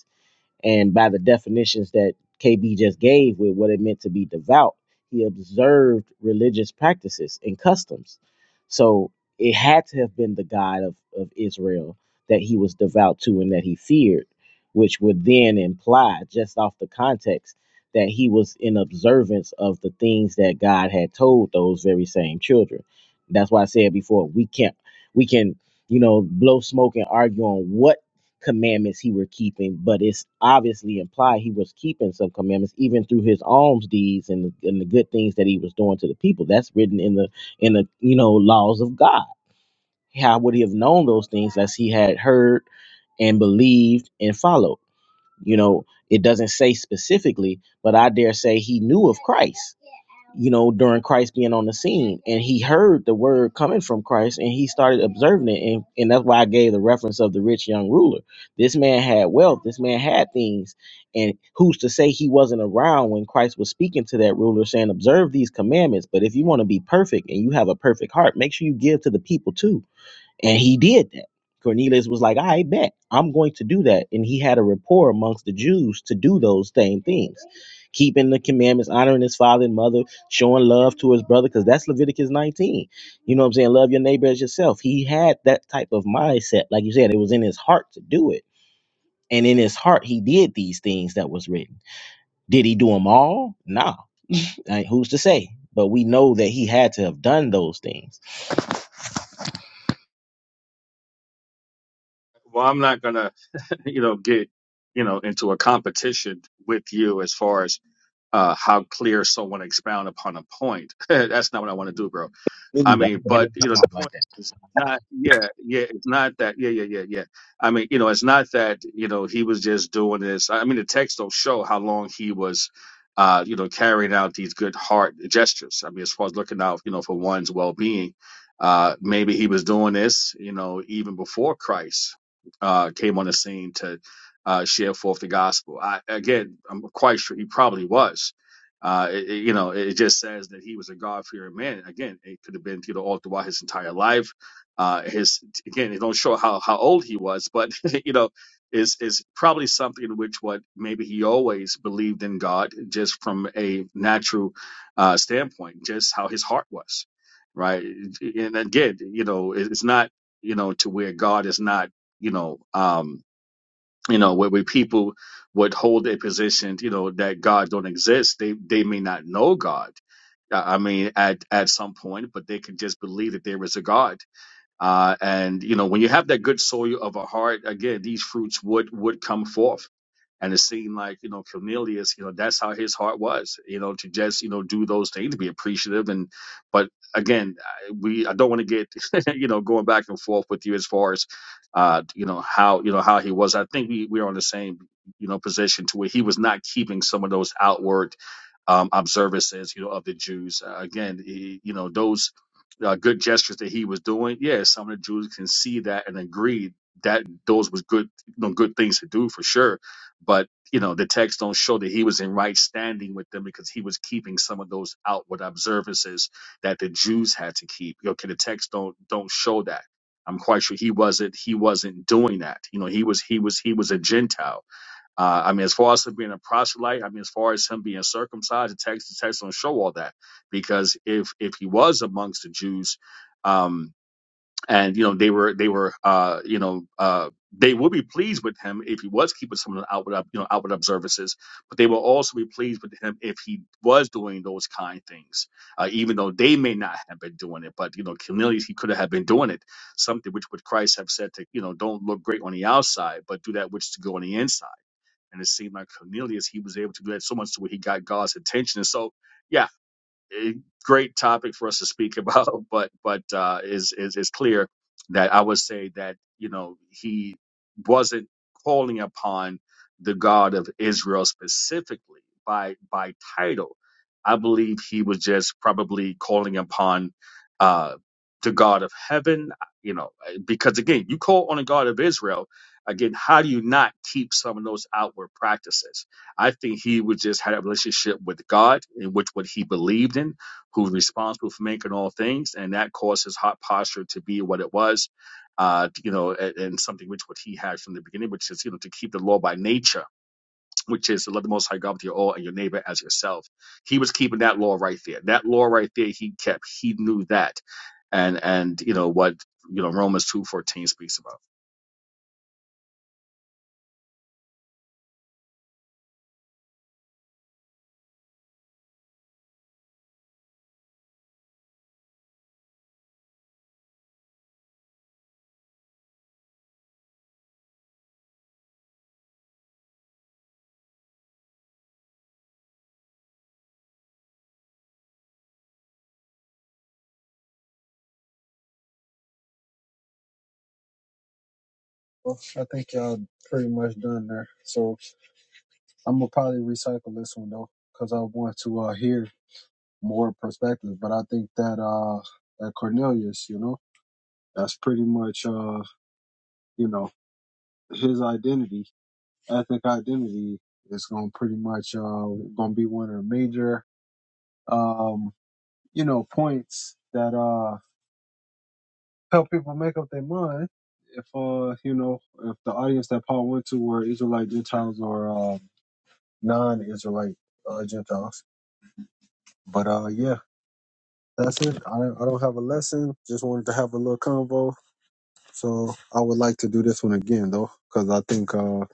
S8: and by the definitions that KB just gave with what it meant to be devout, he observed religious practices and customs. So it had to have been the God of, of Israel that he was devout to and that he feared, which would then imply, just off the context, that he was in observance of the things that God had told those very same children. That's why I said before, we can't we can, you know, blow smoke and argue on what commandments he were keeping, but it's obviously implied he was keeping some commandments even through his alms deeds and the, and the good things that he was doing to the people. That's written in the in the you know laws of God. How would he have known those things as he had heard and believed and followed? You know, it doesn't say specifically, but I dare say he knew of Christ, you know, during Christ being on the scene. And he heard the word coming from Christ and he started observing it. And, and that's why I gave the reference of the rich young ruler. This man had wealth, this man had things. And who's to say he wasn't around when Christ was speaking to that ruler, saying, Observe these commandments. But if you want to be perfect and you have a perfect heart, make sure you give to the people too and he did that. Cornelius was like, I bet I'm going to do that. And he had a rapport amongst the Jews to do those same things, keeping the commandments, honoring his father and mother, showing love to his brother, because that's Leviticus 19. You know what I'm saying? Love your neighbor as yourself. He had that type of mindset. Like you said, it was in his heart to do it. And in his heart, he did these things that was written. Did he do them all? No. [laughs] Like, who's to say? But we know that he had to have done those things.
S7: Well, I'm not gonna, [laughs] you know, get you know into a competition with you as far as uh, how clear someone expound upon a point. [laughs] That's not what I want to do, bro. I mean, but
S8: Like,
S7: you know, the point is not, yeah, yeah, it's not that, yeah, yeah, yeah, yeah. I mean, you know, it's not that you know he was just doing this. I mean, the text don't show how long he was, uh, you know, carrying out these good heart gestures. I mean, as far as looking out, you know, for one's well being, uh, maybe he was doing this, you know, even before Christ uh came on the scene to uh share forth the gospel. I again, I'm quite sure he probably was uh, it, it- you know, it just says that he was a God-fearing man. Again, it could have been Theodore all throughout his entire life. Uh, his again, it don't show how how old he was, but [laughs] you know, is is probably something in which what maybe he always believed in God, just from a natural uh, standpoint, just how his heart was, right? And again, you know, it- it's not you know to where God is not you know. Um, you know where, where people would hold a position you know that god don't exist they they may not know god i I mean at at some point but they can just believe that there is a god uh and you know when you have that good soil of a heart again these fruits would would come forth and it seemed like, you know, Cornelius, you know, that's how his heart was, you know, to just, you know, do those things, to be appreciative. And, but again, I- we, I don't want to get, [laughs] you know, going back and forth with you as far as, uh, you know, how, you know, how he was. I think we, we're on the same, you know, position to where he was not keeping some of those outward, um, observances, you know, of the Jews. Uh, again, he, you know, those uh, good gestures that he was doing, yeah, some of the Jews can see that and agree that those was good, you know, good things to do for sure but you know the text don't show that he was in right standing with them because he was keeping some of those outward observances that the Jews had to keep. Okay, the text don't don't show that. I'm quite sure he wasn't he wasn't doing that. You know, he was he was he was a Gentile. Uh, I mean, as far as him being a proselyte, I mean, as far as him being circumcised, the text the text don't show all that because if if he was amongst the Jews. Um, and you know they were they were uh you know uh they would be pleased with him if he was keeping some of the outward up you know outward observances, but they will also be pleased with him if he was doing those kind things, uh, even though they may not have been doing it. But you know, Cornelius he could have been doing it, something which would Christ have said to you know don't look great on the outside, but do that which is good on the inside. And it seemed like Cornelius he was able to do that so much to where he got God's attention. And so. yeah a great topic for us to speak about, [laughs] but but uh, is is is clear that I would say that you know he wasn't calling upon the God of Israel specifically by by title. I believe he was just probably calling upon uh, the God of heaven, you know, eh, because again, you call on the God of Israel. Again, how do you not keep some of those outward practices? I think he would just had a relationship with God in which what he believed in, who's responsible for making all things, and that caused his hot posture to be what it was, uh, you know, and, and something which what he had from the beginning, which is you know to keep the law by nature, which is to love the Most High God with your all and your neighbor as yourself. He was keeping that law right there. That law right there, he kept. He knew that, and and you know what you know Romans two fourteen speaks about.
S2: Well, I think y'all pretty much done there. So I'm gonna probably recycle this one though, because I want to uh, hear more perspectives. But I think that uh, that Cornelius, you know, that's pretty much uh, you know, his identity, ethnic identity, is gonna pretty much uh, gonna be one of the major um, you know, points that uh help people make up their mind. If uh, you know, if the audience that Paul went to were Israelite Gentiles or um, non-Israelite uh, Gentiles, but uh, yeah, that's it. I don't, I don't have a lesson. Just wanted to have a little convo. So I would like to do this one again though, because I think uh,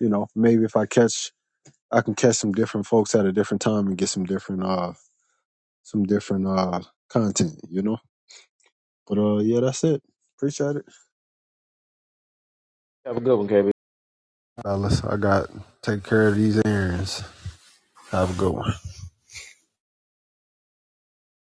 S2: you know, maybe if I catch, I can catch some different folks at a different time and get some different uh, some different uh content, you know. But uh, yeah, that's it. Appreciate it.
S8: Have a good one, KB.
S2: Fellas, I got to take care of these errands. Have a good one.